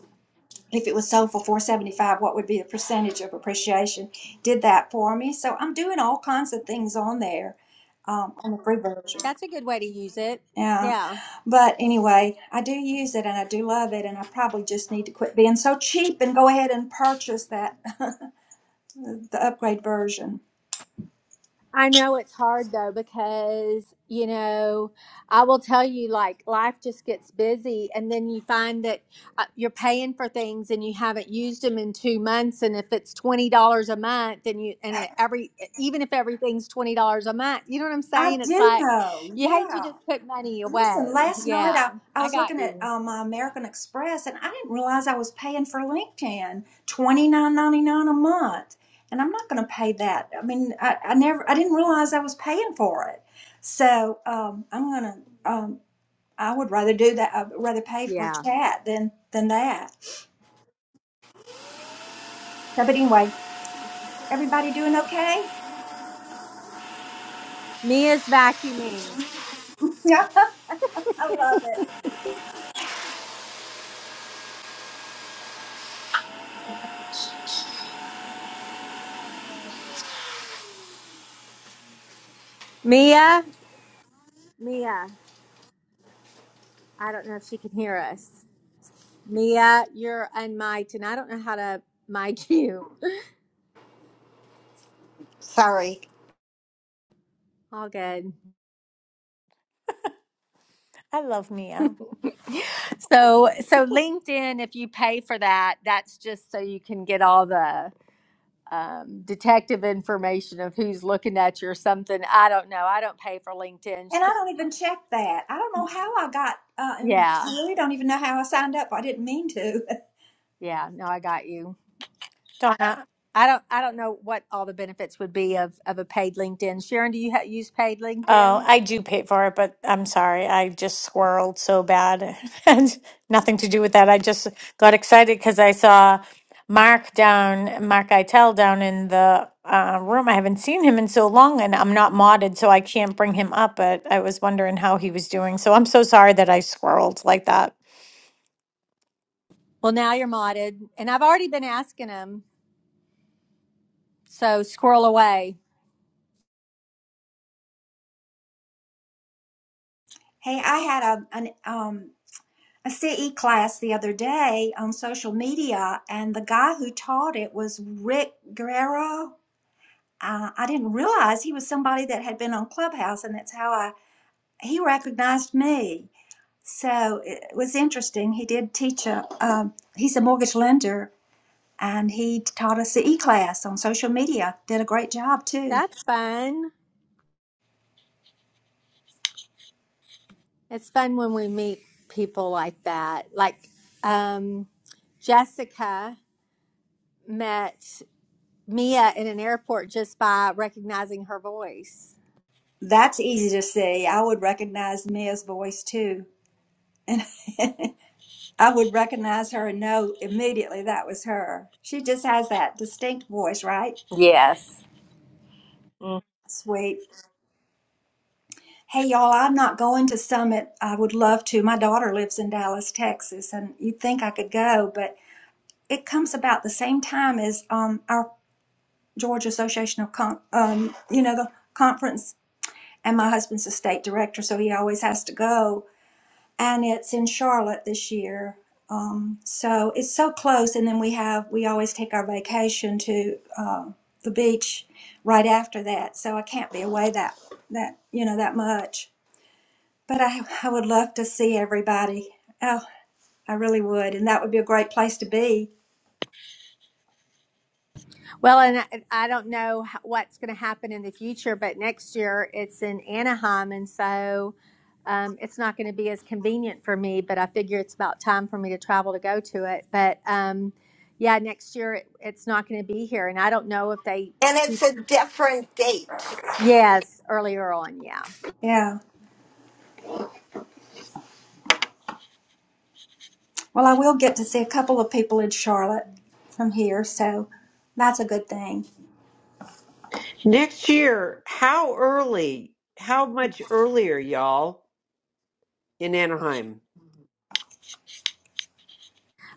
if it was sold for 475 what would be the percentage of appreciation did that for me so i'm doing all kinds of things on there um, on the free version that's a good way to use it. yeah Yeah. but anyway i do use it and i do love it and i probably just need to quit being so cheap and go ahead and purchase that (laughs) the upgrade version I know it's hard though because, you know, I will tell you like life just gets busy and then you find that uh, you're paying for things and you haven't used them in 2 months and if it's $20 a month and you and it, every e, even if everything's $20 a month, you know what I'm i saying? It's do like know you hate to yeah just put money Listen, away. last night Yeah. I, I I was got looking at you. um, uh, my American Express and I didn't realize I was paying for LinkedIn twenty nine ninety nine a month, and I'm not going to pay that. I mean, I, I never I didn't realize I was paying for it, so um, I'm gonna um, I would rather do that. I'd rather pay for Yeah. chat than than that. So, but anyway, everybody doing okay? Mia's vacuuming. (laughs) Yeah, I love it. Mia? Mia. I don't know if she can hear us. Mia, you're unmiked, and I don't know how to mic (laughs) you. Sorry, All good. I love Mia. So, so LinkedIn, if you pay for that, that's just so you can get all the um, detective information of who's looking at you or something. I don't know. I don't pay for LinkedIn. And I don't even check that. I don't know how I got. Uh, and I Yeah, really don't even know how I signed up. I didn't mean to. yeah. No, I got you. Donna. I don't. I don't know what all the benefits would be of of a paid LinkedIn. Sharon, do you ha- use paid Oh, LinkedIn? I do pay for it, but I'm sorry. I just swirled so bad. (laughs) And nothing to do with that. I just got excited because I saw Mark down, Mark Itel down in the uh, room. I haven't seen him in so long and I'm not modded, so I can't bring him up, but I was wondering how he was doing. So I'm so sorry that I swirled like that. Well, now you're modded, and I've already been asking them. So squirrel away. Hey, I had a an um a CE class the other day on social media, and the guy who taught it was Rick Guerrero. Uh, I didn't realize he was somebody that had been on Clubhouse, and that's how I he recognized me. So it was interesting. He did teach a um, he's a mortgage lender, and he taught a CE class on social media. Did a great job too. That's fun. It's fun when we meet people like that. Like um, Jessica met Mia in an airport just by recognizing her voice. That's easy to see. I would recognize Mia's voice too. (laughs) I would recognize her and know immediately that was her. She just has that distinct voice, right? Yes. Mm. Sweet. Hey, y'all, I'm not going to Summit. I would love to. My daughter lives in Dallas, Texas, and you'd think I could go, but it comes about the same time as um, our Georgia Association of, Con- um, you know, the conference. And my husband's a state director, so he always has to go. and it's in Charlotte this year. Um, so it's so close, and then we have we always take our vacation to uh, the beach right after that. So I can't be away that that you know that much. But I I would love to see everybody. Oh, I really would, and that would be a great place to be. Well, and I, I don't know h- what's going to happen in the future, but next year it's in Anaheim, and so um, it's not going to be as convenient for me. But I figure it's about time for me to travel to go to it. But um, yeah, next year it, it's not going to be here, and I don't know if they and it's a different date, Yes, earlier on, yeah. Yeah. Well, I will get to see a couple of people in Charlotte from here, so that's a good thing. Next year, how early? How much earlier, y'all, in Anaheim?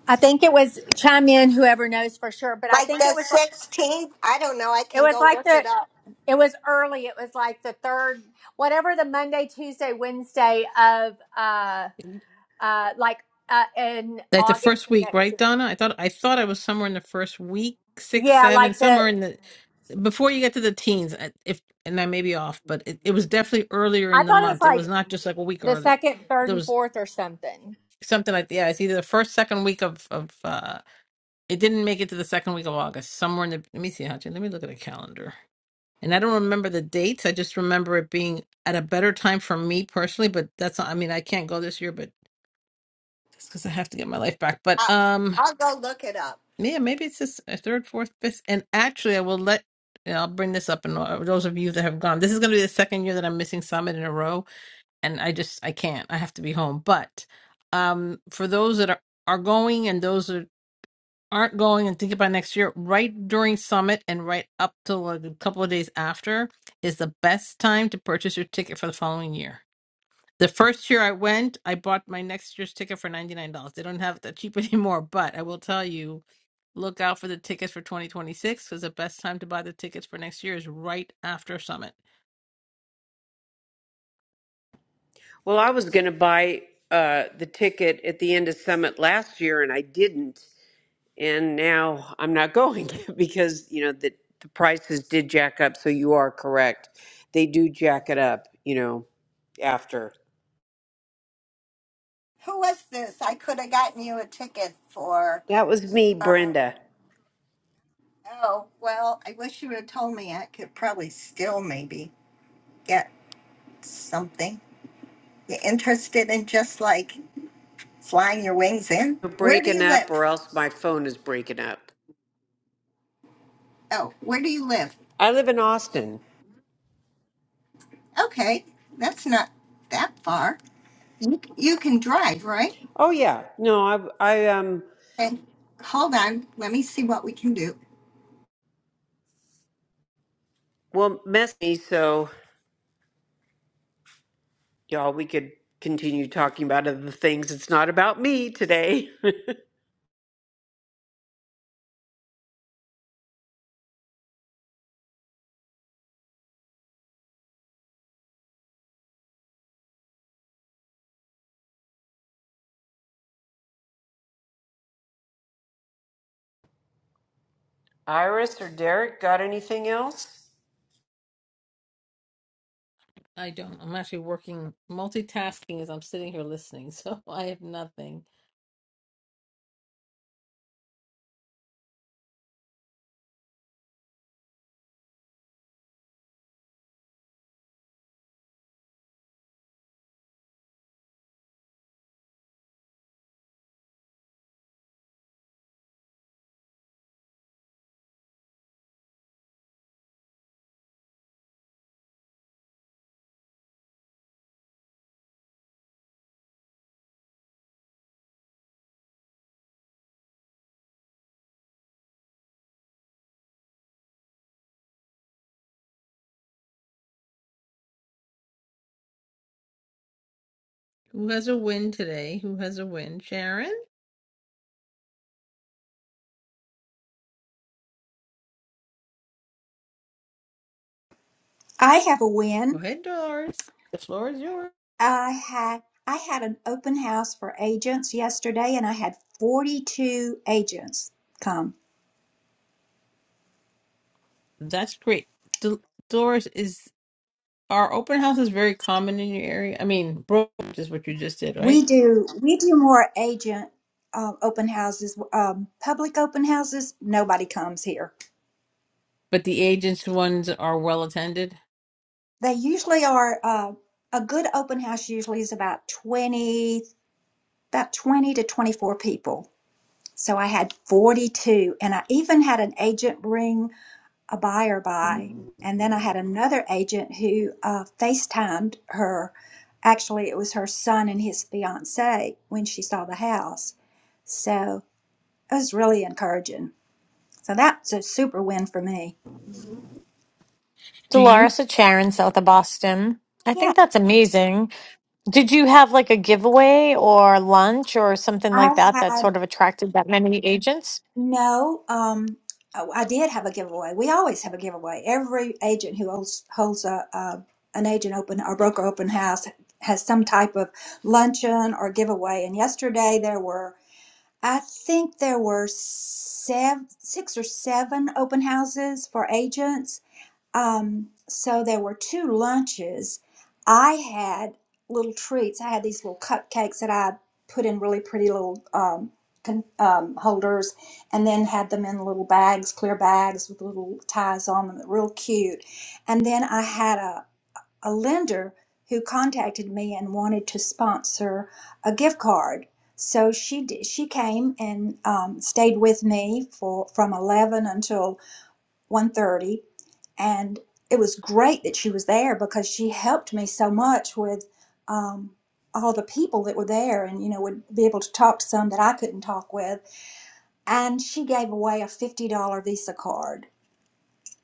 I think it was chime in whoever knows for sure, but I like think the it was like- sixteenth. I don't know. I it can was go like look it the up. it was early. It was like the third whatever the Monday, Tuesday, Wednesday of uh uh like uh in Like the August first of week, next right, year. Donna? I thought I thought I was somewhere in the first week, six, Yeah, seven, like somewhere the in the before you get to the teens. I- If and I may be off, but it, it was definitely earlier I in the thought it was month. It was like not just like a week the early. second, third There and was fourth or something. something like yeah, it's either the first, second week of of. uh It didn't make it to the second week of August. Somewhere in the let me see, Hachi, let me look at the calendar. And I don't remember the dates. I just remember it being at a better time for me personally. But that's not, I mean I can't go this year, but that's because I have to get my life back. But I, um. I'll go look it up. Yeah, maybe it's just a third, fourth, fifth. And actually, I will let, and I'll bring this up. And uh, those of you that have gone, this is going to be the second year that I'm missing Summit in a row. And I just, I can't. I have to be home. But um, for those that are, are going and those that aren't going and think about next year, right during Summit and right up till like, a couple of days after is the best time to purchase your ticket for the following year the first year I went, I bought my next year's ticket for $99. They don't have it that cheap (laughs) anymore, but I will tell you, look out for the tickets for 2026 because the best time to buy the tickets for next year is right after Summit. Well, I was going to buy uh, the ticket at the end of Summit last year, and I didn't. And now I'm not going (laughs) because, you know, the, the prices did jack up. So you are correct. They do jack it up, you know, after. Who was this? I could have gotten you a ticket for. That was me, uh, Brenda. Oh, well, I wish you would have told me. I could probably still maybe get something. You interested in just like flying your wings in? We're Where do breaking you up, live? or else my phone is breaking up. Oh, where do you live? I live in Austin. Okay, that's not that far. You, you can drive, right? Oh yeah, no, I I um And hold on. Let me see what we can do. Well, mess me, so y'all, we could continue talking about other things. It's not about me today. (laughs) Iris or Derek, got anything else? I don't. I'm actually working, multitasking as I'm sitting here listening, (laughs) so I have nothing. Who has a win today? Who has a win? Sharon? I have a Go win. ahead, Doris. The floor is yours. I had I had an open house for agents yesterday and I had 42 agents come. That's great. Dol- Doris, is our open house is very common in your area? I mean, Broad, which is what you just did, right? We do we do more agent um, open houses um, public open houses nobody comes here. But the agents ones are well attended. They usually are uh, a good open house usually is about 20 about 20 to 24 people. So I had 42 and I even had an agent bring. a buyer buy. And then I had another agent who uh, FaceTimed her. Actually, it was her son and his fiance when she saw the house. So it was really encouraging. So that's a super win for me. Do you? Dolores at Sharon, south of Boston. I Yeah, think that's amazing. Did you have like a giveaway or lunch or something I like that that had sort of attracted that many agents? no. Um, oh, I did have a giveaway. We always have a giveaway. Every agent who holds holds a, a an agent open or broker open house has some type of luncheon or giveaway. And yesterday there were I think there were sev- six or seven open houses for agents. Um, so there were two lunches. I had little treats. I had these little cupcakes that I put in really pretty little um, con- um, holders and then had them in little bags, clear bags with little ties on them, real cute. And then I had a a lender who contacted me and wanted to sponsor a gift card. So she did, she came and um, stayed with me for from 11 until one thirty, and it was great that she was there because she helped me so much with um, all the people that were there and you know would be able to talk to some that i couldn't talk with and she gave away a $50 visa card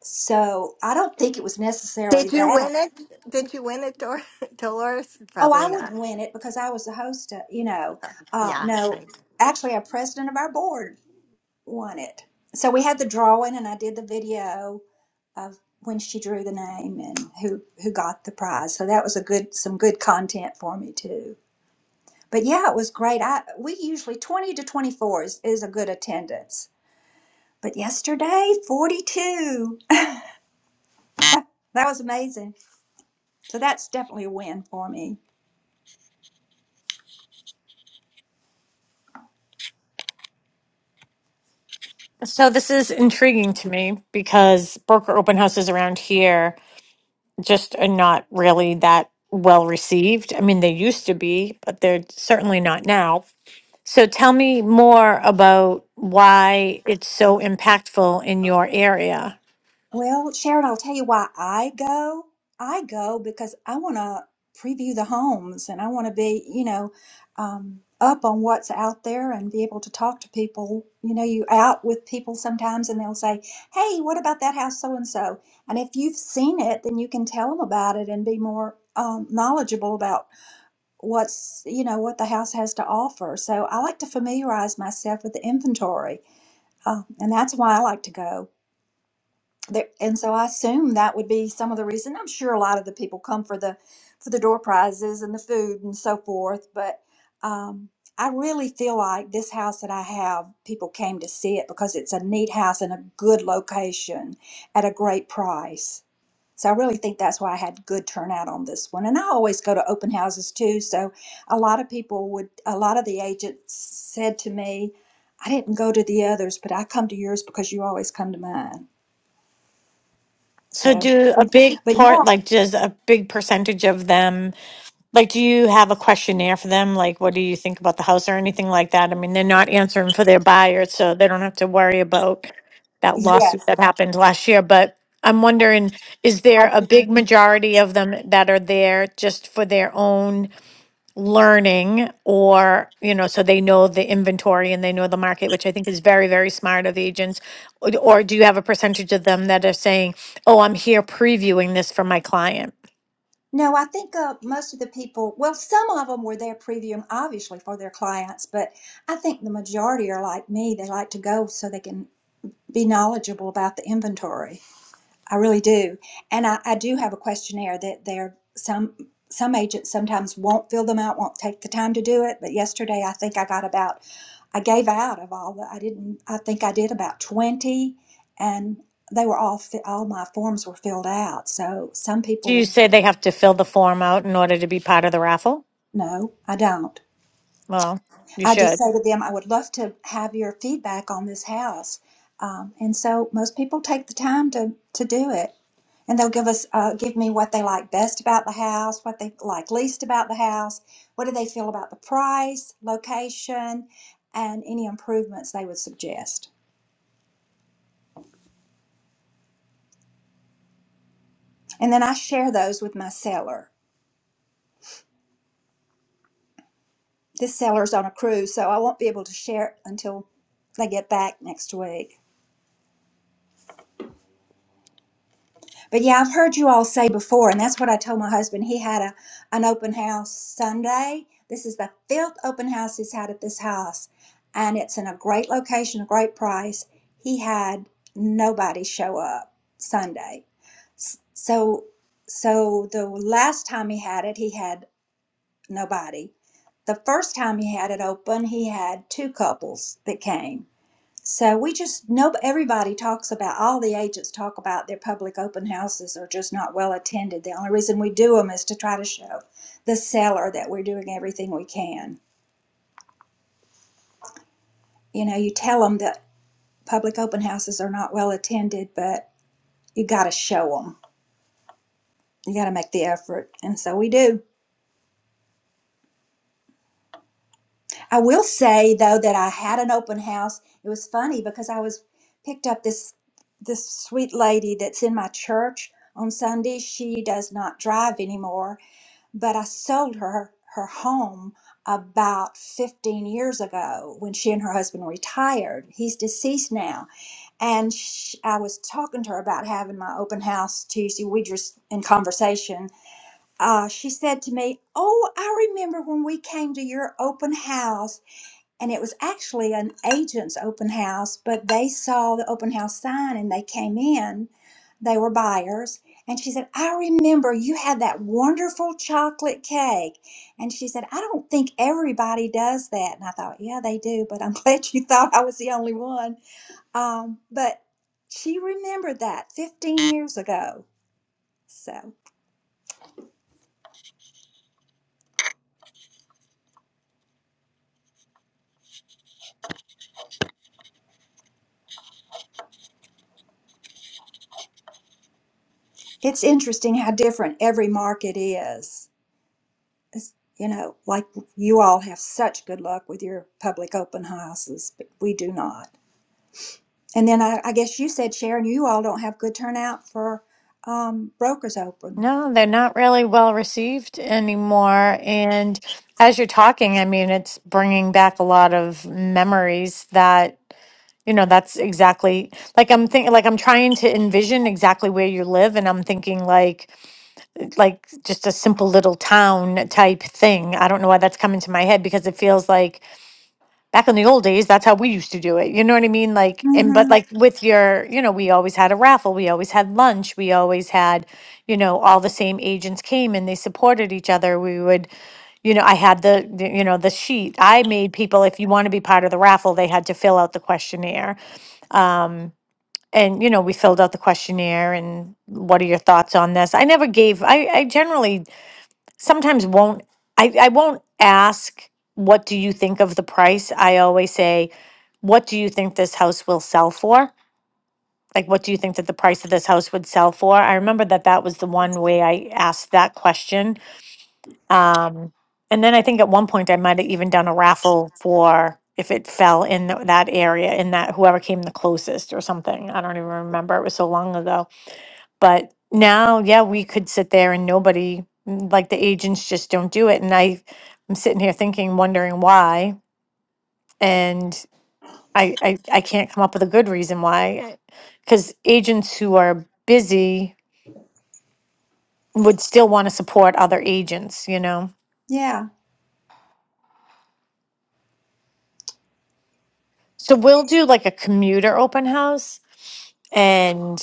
so i don't think it was necessarily Did you that win it? Did you win it, Dor- (laughs) Dolores? Oh, Probably I wouldn't not. win it because I was the host. Of, you know, uh, Yeah. no, I- actually, our president of our board won it. So we had the drawing, and I did the video of when she drew the name and who who got the prize. So that was a good some good content for me too. But yeah, it was great. I we usually twenty to twenty four is, is a good attendance. But yesterday, forty two. (laughs) That was amazing. So that's definitely a win for me. So this is intriguing to me because broker open houses around here just are not really that well received. I mean, they used to be, but they're certainly not now. So tell me more about why it's so impactful in your area. Well, Sharon, I'll tell you why I go. I go because I want to preview the homes and I want to be, you know, um, up on what's out there and be able to talk to people. You know, you out with people sometimes and they'll say, "Hey, what about that house so and so?" And if you've seen it, then you can tell them about it and be more um, knowledgeable about what's, you know, what the house has to offer. So I like to familiarize myself with the inventory, uh, and that's why I like to go there, and so I assume that would be some of the reason. I'm sure a lot of the people come for the for the door prizes and the food and so forth, but um, I really feel like this house that I have, people came to see it because it's a neat house in a good location at a great price. So I really think that's why I had good turnout on this one. And I always go to open houses too, so a lot of people would a lot of the agents said to me, I didn't go to the others, but I come to yours because you always come to mine. So So do a big but part, yeah, like does a big percentage of them Like, do you have a questionnaire for them? Like, what do you think about the house or anything like that? I mean, they're not answering for their buyer, so they don't have to worry about that lawsuit yes, that happened last year. But I'm wondering, is I there a do. big majority of them that are there just for their own learning or, you know, so they know the inventory and they know the market, which I think is very, very smart of agents? Or or do you have a percentage of them that are saying, oh, I'm here previewing this for my client? No, I think uh, most of the people, well, some of them were there previewing, obviously, for their clients, but I think the majority are like me. They like to go so they can be knowledgeable about the inventory. I really do. And I, I do have a questionnaire that there some some agents sometimes won't fill them out, won't take the time to do it. But yesterday, I think I got about I gave out of all the, I didn't, I think I did about 20 and they were all, fi- all my forms were filled out. So some Do you people, say they have to fill the form out in order to be part of the raffle? no, I don't. Well, you I just should. say to them, I would love to have your feedback on this house. Um, and so most people take the time to, to do it and they'll give us, uh, give me what they like best about the house, what they like least about the house, what do they feel about the price, location, and any improvements they would suggest. And then I share those with my seller. this seller's on a cruise, so I won't be able to share it until they get back next week. But yeah, I've heard you all say before, and that's what I told my husband. He had a an open house Sunday. This is the fifth open house he's had at this house, and it's in a great location, a great price. He had nobody show up Sunday. S- So, so the last time he had it, he had nobody. The first time he had it open, he had two couples that came So we just no everybody talks about all the agents talk about their public open houses are just not well attended. The only reason we do them is to try to show the seller that we're doing everything we can. You know, you tell them that public open houses are not well attended, but you got to show them. You got to make the effort, and so we do. I will say though that I had an open house. It was funny because I was picked up this this sweet lady that's in my church on Sunday. She does not drive anymore but I sold her her home about 15 years ago when she and her husband retired. He's deceased now. And sh I was talking to her about having my open house Tuesday. We just in conversation. Uh, she said to me, Oh, I remember when we came to your open house and it was actually an agent's open house, but they saw the open house sign and they came in. They were buyers. And she said, I remember you had that wonderful chocolate cake. And she said, I don't think everybody does that. And I thought, yeah, they do, but I'm (laughs) glad you thought I was the only one. Um, but she remembered that 15 years ago. So it's interesting how different every market is. it's, you know, like you all have such good luck with your public open houses, but we do not. And then I, I guess you said, Sharon, you all don't have good turnout for um, brokers open. No, they're not really well received anymore. And as you're talking, I mean, it's bringing back a lot of memories that You know, that's exactly like I'm thinking, like I'm trying to envision exactly where you live, and I'm thinking like, like just a simple little town type thing. I don't know why that's coming to my head because it feels like back in the old days, that's how we used to do it. You know what I mean? Like, and but hmm like with your, you know, we always had a raffle, we always had lunch, we always had, you know, all the same agents came and they supported each other. We would, you know, I had the, the you know, the sheet. I made people, if you want to be part of the raffle, they had to fill out the questionnaire. Um, and you know we filled out the questionnaire and what are your thoughts on this i never gave i, I generally sometimes won't I, I won't ask what do you think of the price i always say what do you think this house will sell for like what do you think that the price of this house would sell for i remember that that was the one way i asked that question um, and then i think at one point i might have even done a raffle for if it fell in th- that area in that whoever came the closest or something i don't even remember it was so long ago but now, yeah, we could sit there and nobody, mm, like the agents just don't do it. And I, I'm sitting here thinking, wondering why. And I, I, I can't come up with a good reason why. Because agents who are busy would still want to support other agents, you know? Yeah. So we'll do like a commuter open house. and.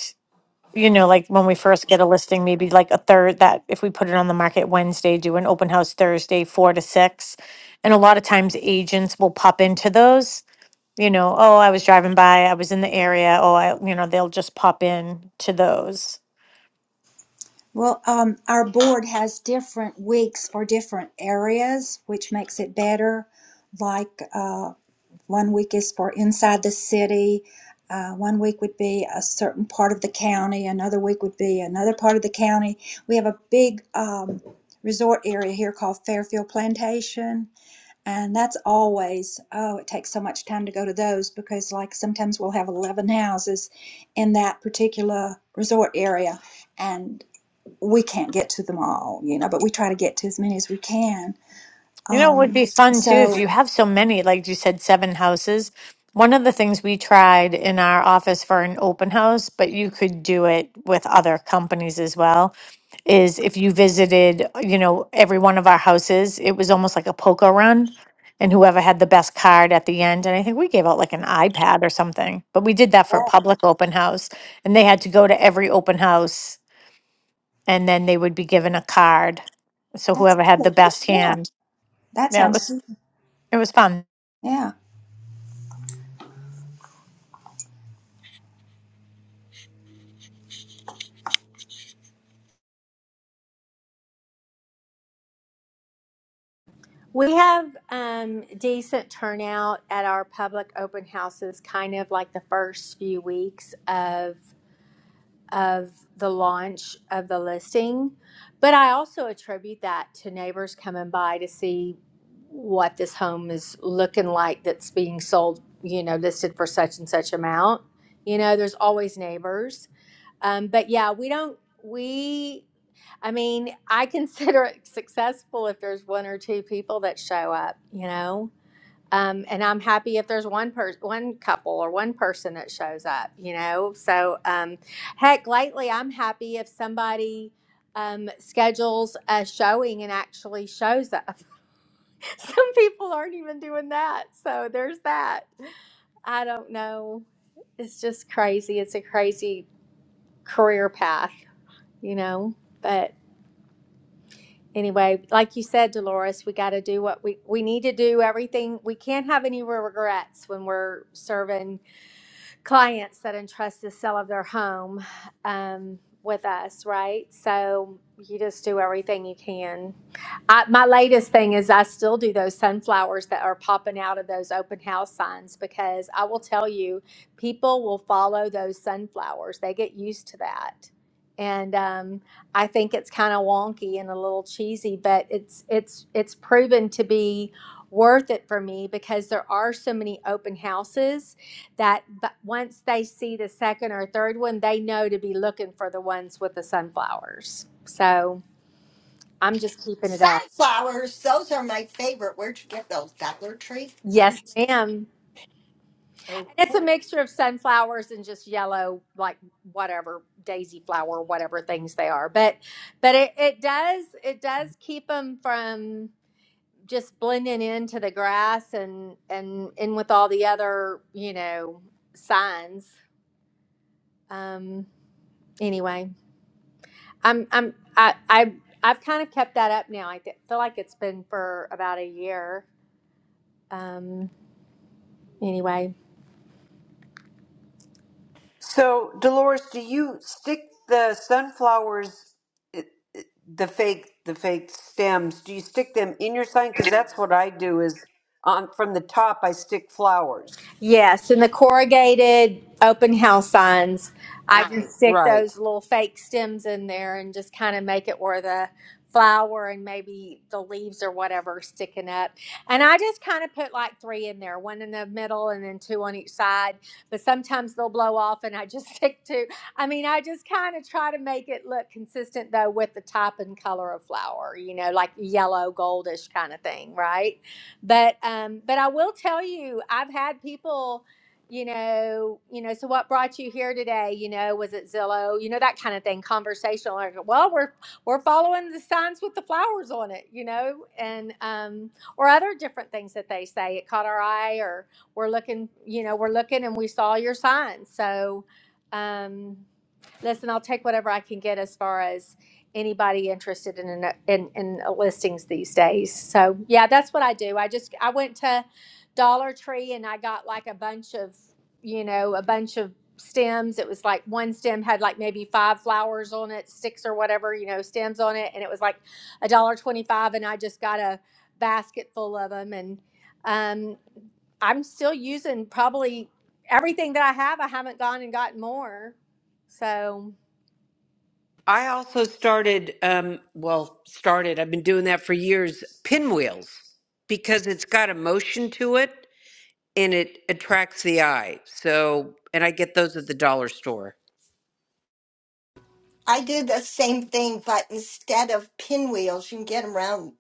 you know, like when we first get a listing, maybe like a third that if we put it on the market Wednesday, do an open house Thursday, four to six. And a lot of times agents will pop into those, you know, oh, I was driving by, I was in the area. Oh, I, you know, they'll just pop in to those. Well, um, our board has different weeks for different areas, which makes it better. Like uh, One week is for inside the city. Uh, one week would be a certain part of the county. Another week would be another part of the county. We have a big um, resort area here called Fairfield Plantation, and that's always oh, it takes so much time to go to those because like sometimes we'll have eleven houses in that particular resort area, and we can't get to them all, you know. But we try to get to as many as we can. You know, it would Um, be fun too so if you have so many, like you said, seven houses. One of the things we tried in our office for an open house, but you could do it with other companies as well, is if you visited, you know, every one of our houses, it was almost like a poker run. And whoever had the best card at the end, and I think we gave out like an iPad or something, but we did that for a yeah, public open house. And they had to go to every open house and then they would be given a card. So that's whoever had the good. best hand. That Yeah, it sounds was good. it was fun. Yeah. We have um decent turnout at our public open houses kind of like the first few weeks of. of the launch of the listing. But I also attribute that to neighbors coming by to see what this home is looking like that's being sold, you know, listed for such and such amount. You know, there's always neighbors. Um, but yeah, we don't, we, I mean, I consider it successful if there's one or two people that show up, you know? Um, and I'm happy if there's one person, one couple, or one person that shows up. You know, so um, heck, lately I'm happy if somebody um, schedules a showing and actually shows up. (laughs) Some people aren't even doing that, so there's that. I don't know. It's just crazy. It's a crazy career path, you know. But anyway, like you said, Dolores, we got to do what we we need to do. Everything we can't have any regrets when we're serving clients that entrust the sale of their home um, with us, right? So you just do everything you can. I, my latest thing is I still do those sunflowers that are popping out of those open house signs because I will tell you, people will follow those sunflowers. They get used to that. And um, I think it's kind of wonky and a little cheesy, but it's it's it's proven to be worth it for me because there are so many open houses that but once they see the second or third one they know to be looking for the ones with the sunflowers so i'm just keeping it up Sunflowers. Those are my favorite. Where'd you get those? Dollar Tree? I'm yes ma'am so and it's a cool. mixture of sunflowers and just yellow like whatever daisy flower whatever things they are but but it, it does it does keep them from just blending into the grass and and in with all the other you know signs um anyway I'm I'm I I I've kind of kept that up now. I th- feel like it's been for about a year. Um. Anyway. So, Dolores, do you stick the sunflowers, i- i- the fake, the fake stems? Do you stick them in your sign? Because that's what I do. Is on from the top, I stick flowers. Yes, and the corrugated open house signs, I can Right. stick Right. those little fake stems in there and just kind of make it where the flower and maybe the leaves or whatever are sticking up. And I just kind of put like three in there, one in the middle and then two on each side. But sometimes they'll blow off and I just (laughs) stick two. I mean, I just kind of try to make it look consistent though with the type and color of flower, you know, like yellow, goldish kind of thing, right? but um but i will tell you i've had people you know you know so what brought you here today you know was it zillow you know that kind of thing conversational like well we're we're following the signs with the flowers on it you know and um or other different things that they say it caught our eye or we're looking you know we're looking and we saw your sign so um Listen, I'll take whatever I can get as far as anybody interested in in, in listings these days. So yeah, that's what I do. I just I went to Dollar Tree and I got like a bunch of you know a bunch of stems. It was like one stem had like maybe five flowers on it, six or whatever you know stems on it, and it was like a dollar twenty five. And I just got a basket full of them and. Um, I'm still using probably everything that I have. I haven't gone and gotten more. So I also started, um, well, started, I've been doing that for years, pinwheels, because it's got a motion to it and it attracts the eye. So, and I get those at the dollar store. I do the same thing, but instead of pinwheels, you can get 'em around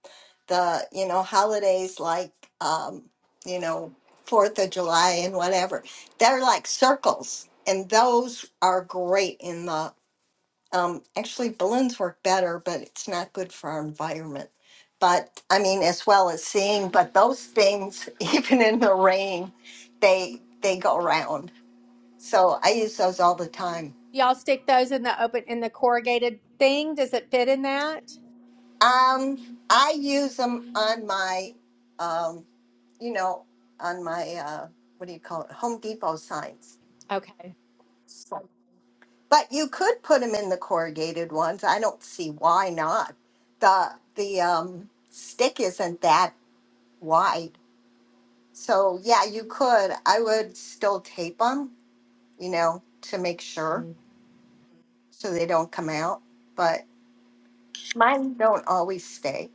the, you know, holidays like, um, you know, Fourth of July and whatever. They're like circles, and those are great in the. Um, actually, balloons work better, but it's not good for our environment. But I mean, as well as seeing, but those things, (laughs) even in the rain, they they go around. So I use those all the time. y'all stick those in the open in the corrugated thing. Does it fit in that? Um, I use them on my, um, you know, on my uh, what do you call it, Home Depot signs. Okay. So- But you could put them in the corrugated ones. I don't see why not. The the um, stick isn't that wide, so yeah, you could. I would still tape them, you know, to make sure Mm. so they don't come out. But mine don't always stay.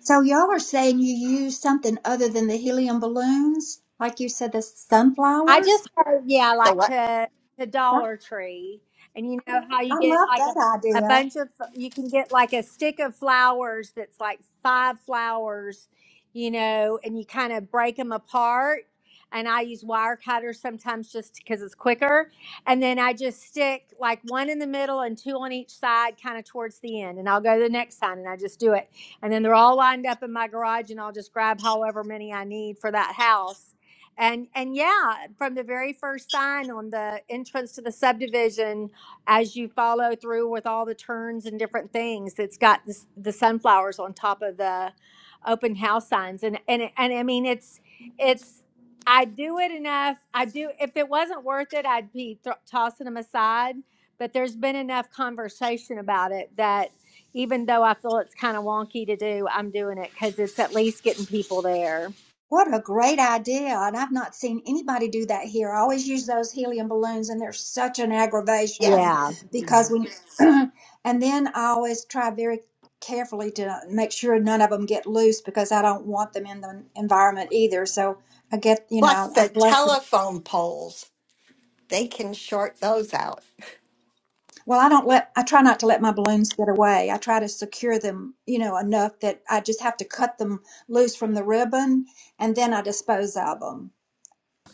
So y'all are saying you use something other than the helium balloons, like you said, the I sunflowers. just heard, yeah, The like what? to to That, Dollar Tree, and you know how you I get love like a that a idea. bunch of you can get like a stick of flowers that's like five flowers, you know, and you kind of break them apart. And I use wire cutters sometimes just because it's quicker. And then I just stick like one in the middle and two on each side, kind of towards the end. And I'll go to the next sign and I just do it. And then they're all lined up in my garage, and I'll just grab however many I need for that house and and yeah, from the very first sign on the entrance to the subdivision, as you follow through with all the turns and different things, it's got this, the sunflowers on top of the open house signs. And and it- and I mean, it's it's I do it enough. I do if it wasn't worth it, I'd be th- tossing them aside. But there's been enough conversation about it that even though I feel it's kind of wonky to do, I'm doing it because it's at least getting people there. What a great idea! And I've not seen anybody do that here. I always use those helium balloons, and they're such an aggravation Yes. Yeah. because when. (clears throat) and then I always try very carefully to make sure none of them get loose because I don't want them in the environment either. So I get, you Plus know, I the collect them. telephone poles. they can short those out. Well, I don't let, I try not to let my balloons get away. I try to secure them, you know, enough that I just have to cut them loose from the ribbon and then I dispose of them.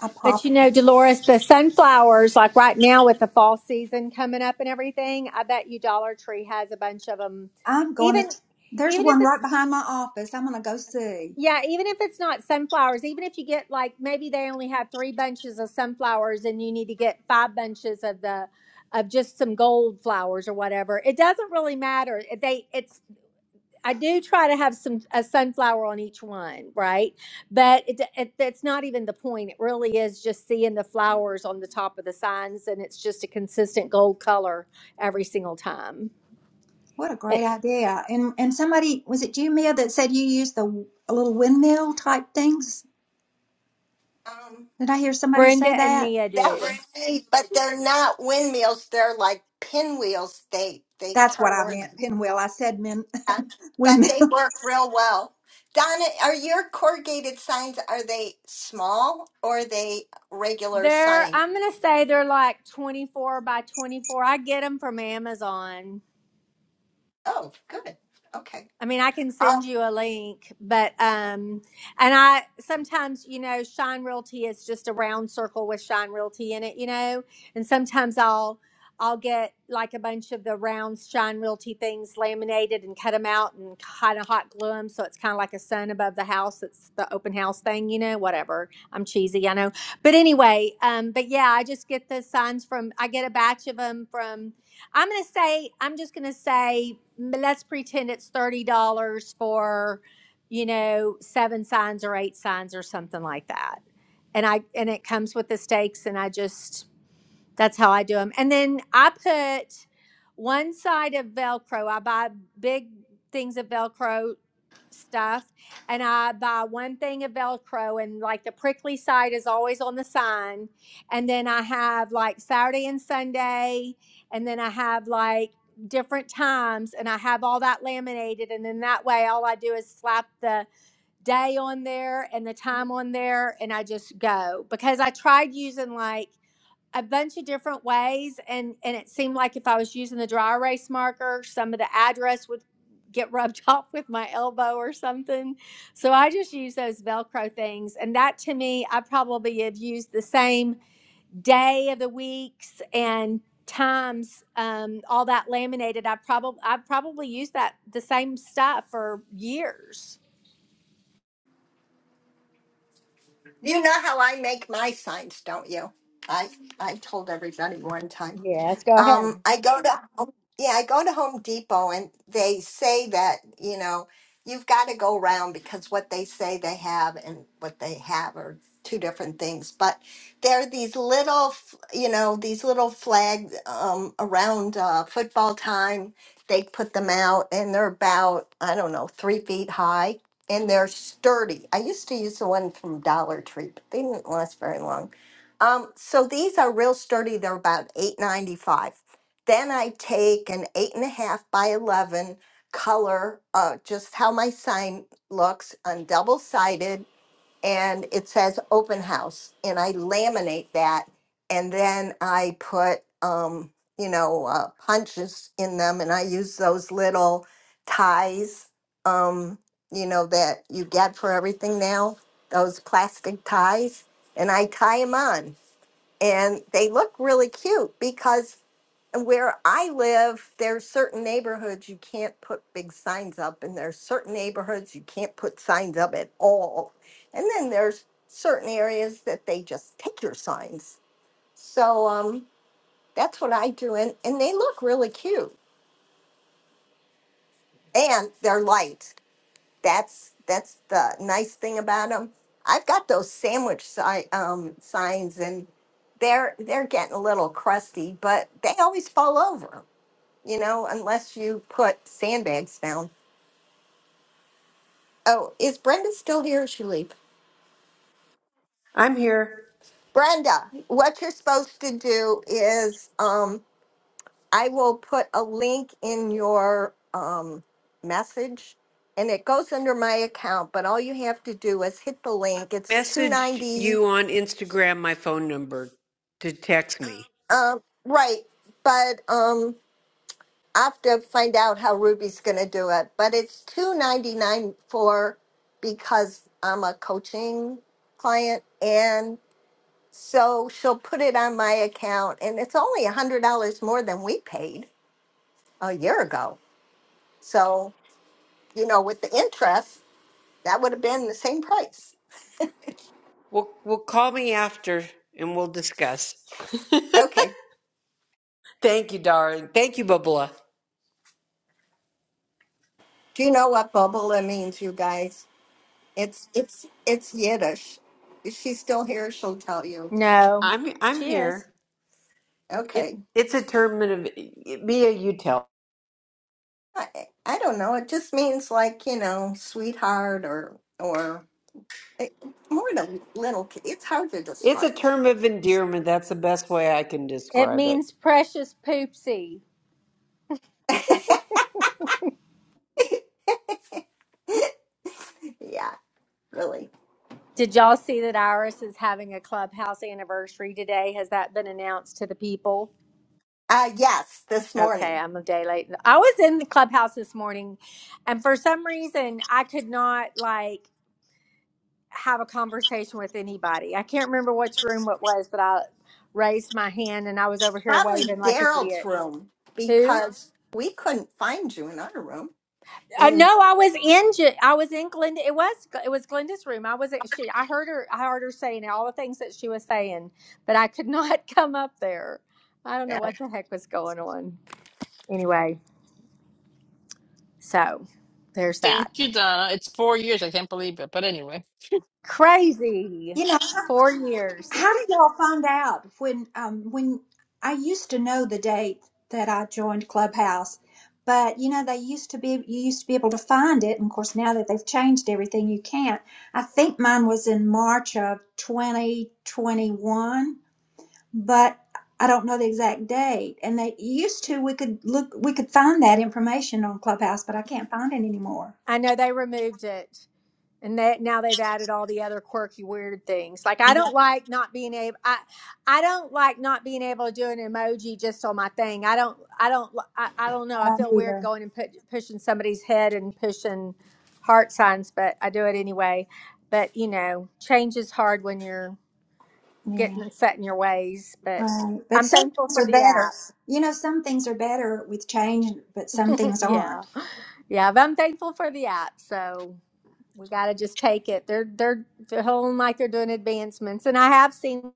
I But pop you them. know, Dolores, the sunflowers, like right now with the fall season coming up and everything, I bet you Dollar Tree has a bunch of them. I'm going to, Even, there's even if one right it's behind my office. I'm going to go see. yeah, even if it's not sunflowers, even if you get like maybe they only have three bunches of sunflowers and you need to get five bunches of the of just some gold flowers or whatever, it doesn't really matter. They it's I do try to have some a sunflower on each one, right? But it, it that's not even the point. It really is just seeing the flowers on the top of the signs, and it's just a consistent gold color every single time. What a Eh, great idea. And and somebody, was it you, Mia, that said you use the w- little windmill type things? Um, Did I hear somebody Brenda say and that? Mia that was do. me, but they're not windmills. They're like pinwheels. They they That's what turn I meant, around, pinwheel. I said min, Yeah, (laughs) but windmill. they work real well. Donna, are your corrugated signs are they small or are they regular They're sign? I'm gonna say they're like 24 by 24. I get them from Amazon. Oh, good. Okay. I mean, I can send Um, you a link, but um, and I sometimes, you know, Shine Realty is just a round circle with Shine Realty in it, you know, and sometimes I'll I'll get like a bunch of the round Shine Realty things laminated and cut them out and kind of hot glue them, so it's kind of like a sun above the house. It's the open house thing, you know. Whatever, I'm cheesy, I know, but anyway, um, but yeah, I just get the signs from I get a batch of them from I'm gonna say I'm just gonna say m- let's pretend it's thirty dollars for you know seven signs or eight signs or something like that, and I and it comes with the stakes, and I just that's how I do them. And then I put one side of Velcro. I buy big things of Velcro stuff and I buy one thing of Velcro and like the prickly side is always on the sign. And then I have like Saturday and Sunday and then I have like different times and I have all that laminated and then that way all I do is slap the day on there and the time on there and I just go because I tried using like a bunch of different ways and and it seemed like if i was using the dry erase marker some of the address would get rubbed (laughs) off with my elbow or something so i just use those velcro things and that to me i probably have used the same day of the weeks and times um, all that laminated i probably i probably used that the same stuff for years you know how I make my signs, don't you? I I told everybody one time. Yes, go ahead. Um, I go to Home- yeah, I go to Home Depot and they say that, you know, you've got to go around because what they say they have and what they have are two different things. But there are these little, f- you know, these little flags um, around uh, football time. They put them out and they're about, I don't know, three feet high and they're sturdy. I used to use the one from Dollar Tree, but they didn't last very long um, so these are real sturdy. They're about eight ninety five. Then I take an eight and a half by eleven color, uh, just how my sign looks on double sided, and it says open house, and I laminate that, and then I put um, you know uh, punches in them, and I use those little ties, um, you know that you get for everything now, those plastic ties, and I tie them on and they look really cute because where I live, there's certain neighborhoods you can't put big signs up, and there's certain neighborhoods you can't put signs up at all. And then there's certain areas that they just take your signs. So um, that's what I do, and, and they look really cute, and they're light. that's that's the nice thing about them. I've got those sandwich si- um, signs, and they're they're getting a little crusty, but they always fall over, you know, unless you put sandbags down. Oh, is Brenda still here? Or she leave? I'm here. Brenda, what you're supposed to do is um, I will put a link in your um, message, and it goes under my account. But all you have to do is hit the link. It's two Messaged ninety. you on Instagram my phone number to text me. Um, right, but um, I have to find out how Ruby's going to do it. But it's two ninety nine for because I'm a coaching client, and so she'll put it on my account, and it's only a hundred dollars more than we paid a year ago. So you know, with the interest, that would have been the same price. We'll we'll call me after and we'll discuss. Okay. (laughs) Thank you, darling. Thank you, Bubba. Do you know what bobola means, you guys? It's it's it's Yiddish. If she's still here, she'll tell you. no I'm I'm she is here. Okay. It, it's a term of Mia. You tell. I, I don't know. It just means like, you know, sweetheart or or it, more than little kid. It's hard to It's describe. a term of endearment. That's the best way I can it describe it. means precious poopsie (laughs) yeah, really. Did y'all see that Iris is having a clubhouse anniversary today? Has that been announced to the people? Uh yes, this Okay, morning. I'm a day late. I was in the clubhouse this morning, and for some reason, I could not like have a conversation with anybody. I can't remember which room it was that I raised my hand and I was over here Probably waving like an Daryl's idiot. room Who? because we couldn't find you in our room. Uh, no, In I was in. Ju- I was in Glenda. It was. It was Glenda's room. I wasn't. She. I heard her. I heard her saying all the things that she was saying, but I could not (laughs) come up there. I don't yeah. know what the heck was going on. Anyway, so there's that. Thank you, Donna. It's four years. I can't believe it. But anyway, Crazy. You know. Four years. How did y'all find out when um when I used to know the date that I joined Clubhouse, but you know they used to be you used to be able to find it, and of course now that they've changed everything, you can't. I think mine was in March of 2021, but I don't know the exact date. And they used to we could look we could find that information on Clubhouse, but I can't find it anymore. I know they removed it. and that now they've added all the other quirky weird things like i don't like not being able i i don't like not being able to do an emoji just on my thing i don't i don't i, I don't I know i don't feel weird either. going and put, pushing somebody's head and pushing heart signs but i do it anyway but you know change is hard when you're Yeah. getting set in your ways but Right. But i'm some thankful things for are the better. app You know, some things are better with change, but some (laughs) things yeah aren't. yeah but i'm thankful for the app so we got to just take it. They're they're they're holding like they're doing advancements, and I have seen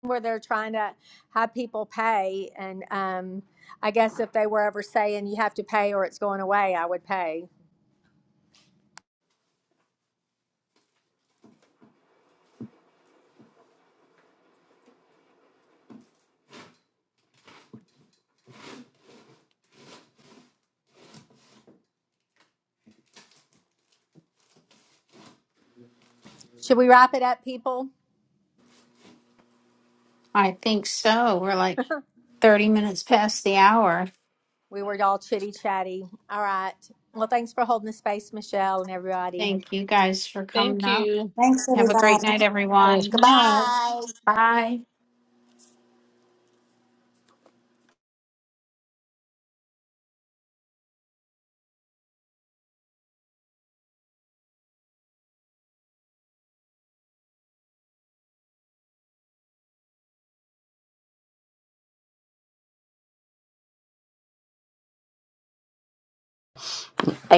where they're trying to have people pay, and um, I guess if they were ever saying you have to pay or it's going away, I would pay. Should we wrap it up, people? I think so. We're like (laughs) 30 minutes past the hour. We were all chitty chatty. All right. Well, thanks for holding the space, Michelle and everybody. Thank you guys for coming thank up. you. Thanks, Have a great everybody. Good night, everyone. Hey. night. goodbye. Bye. I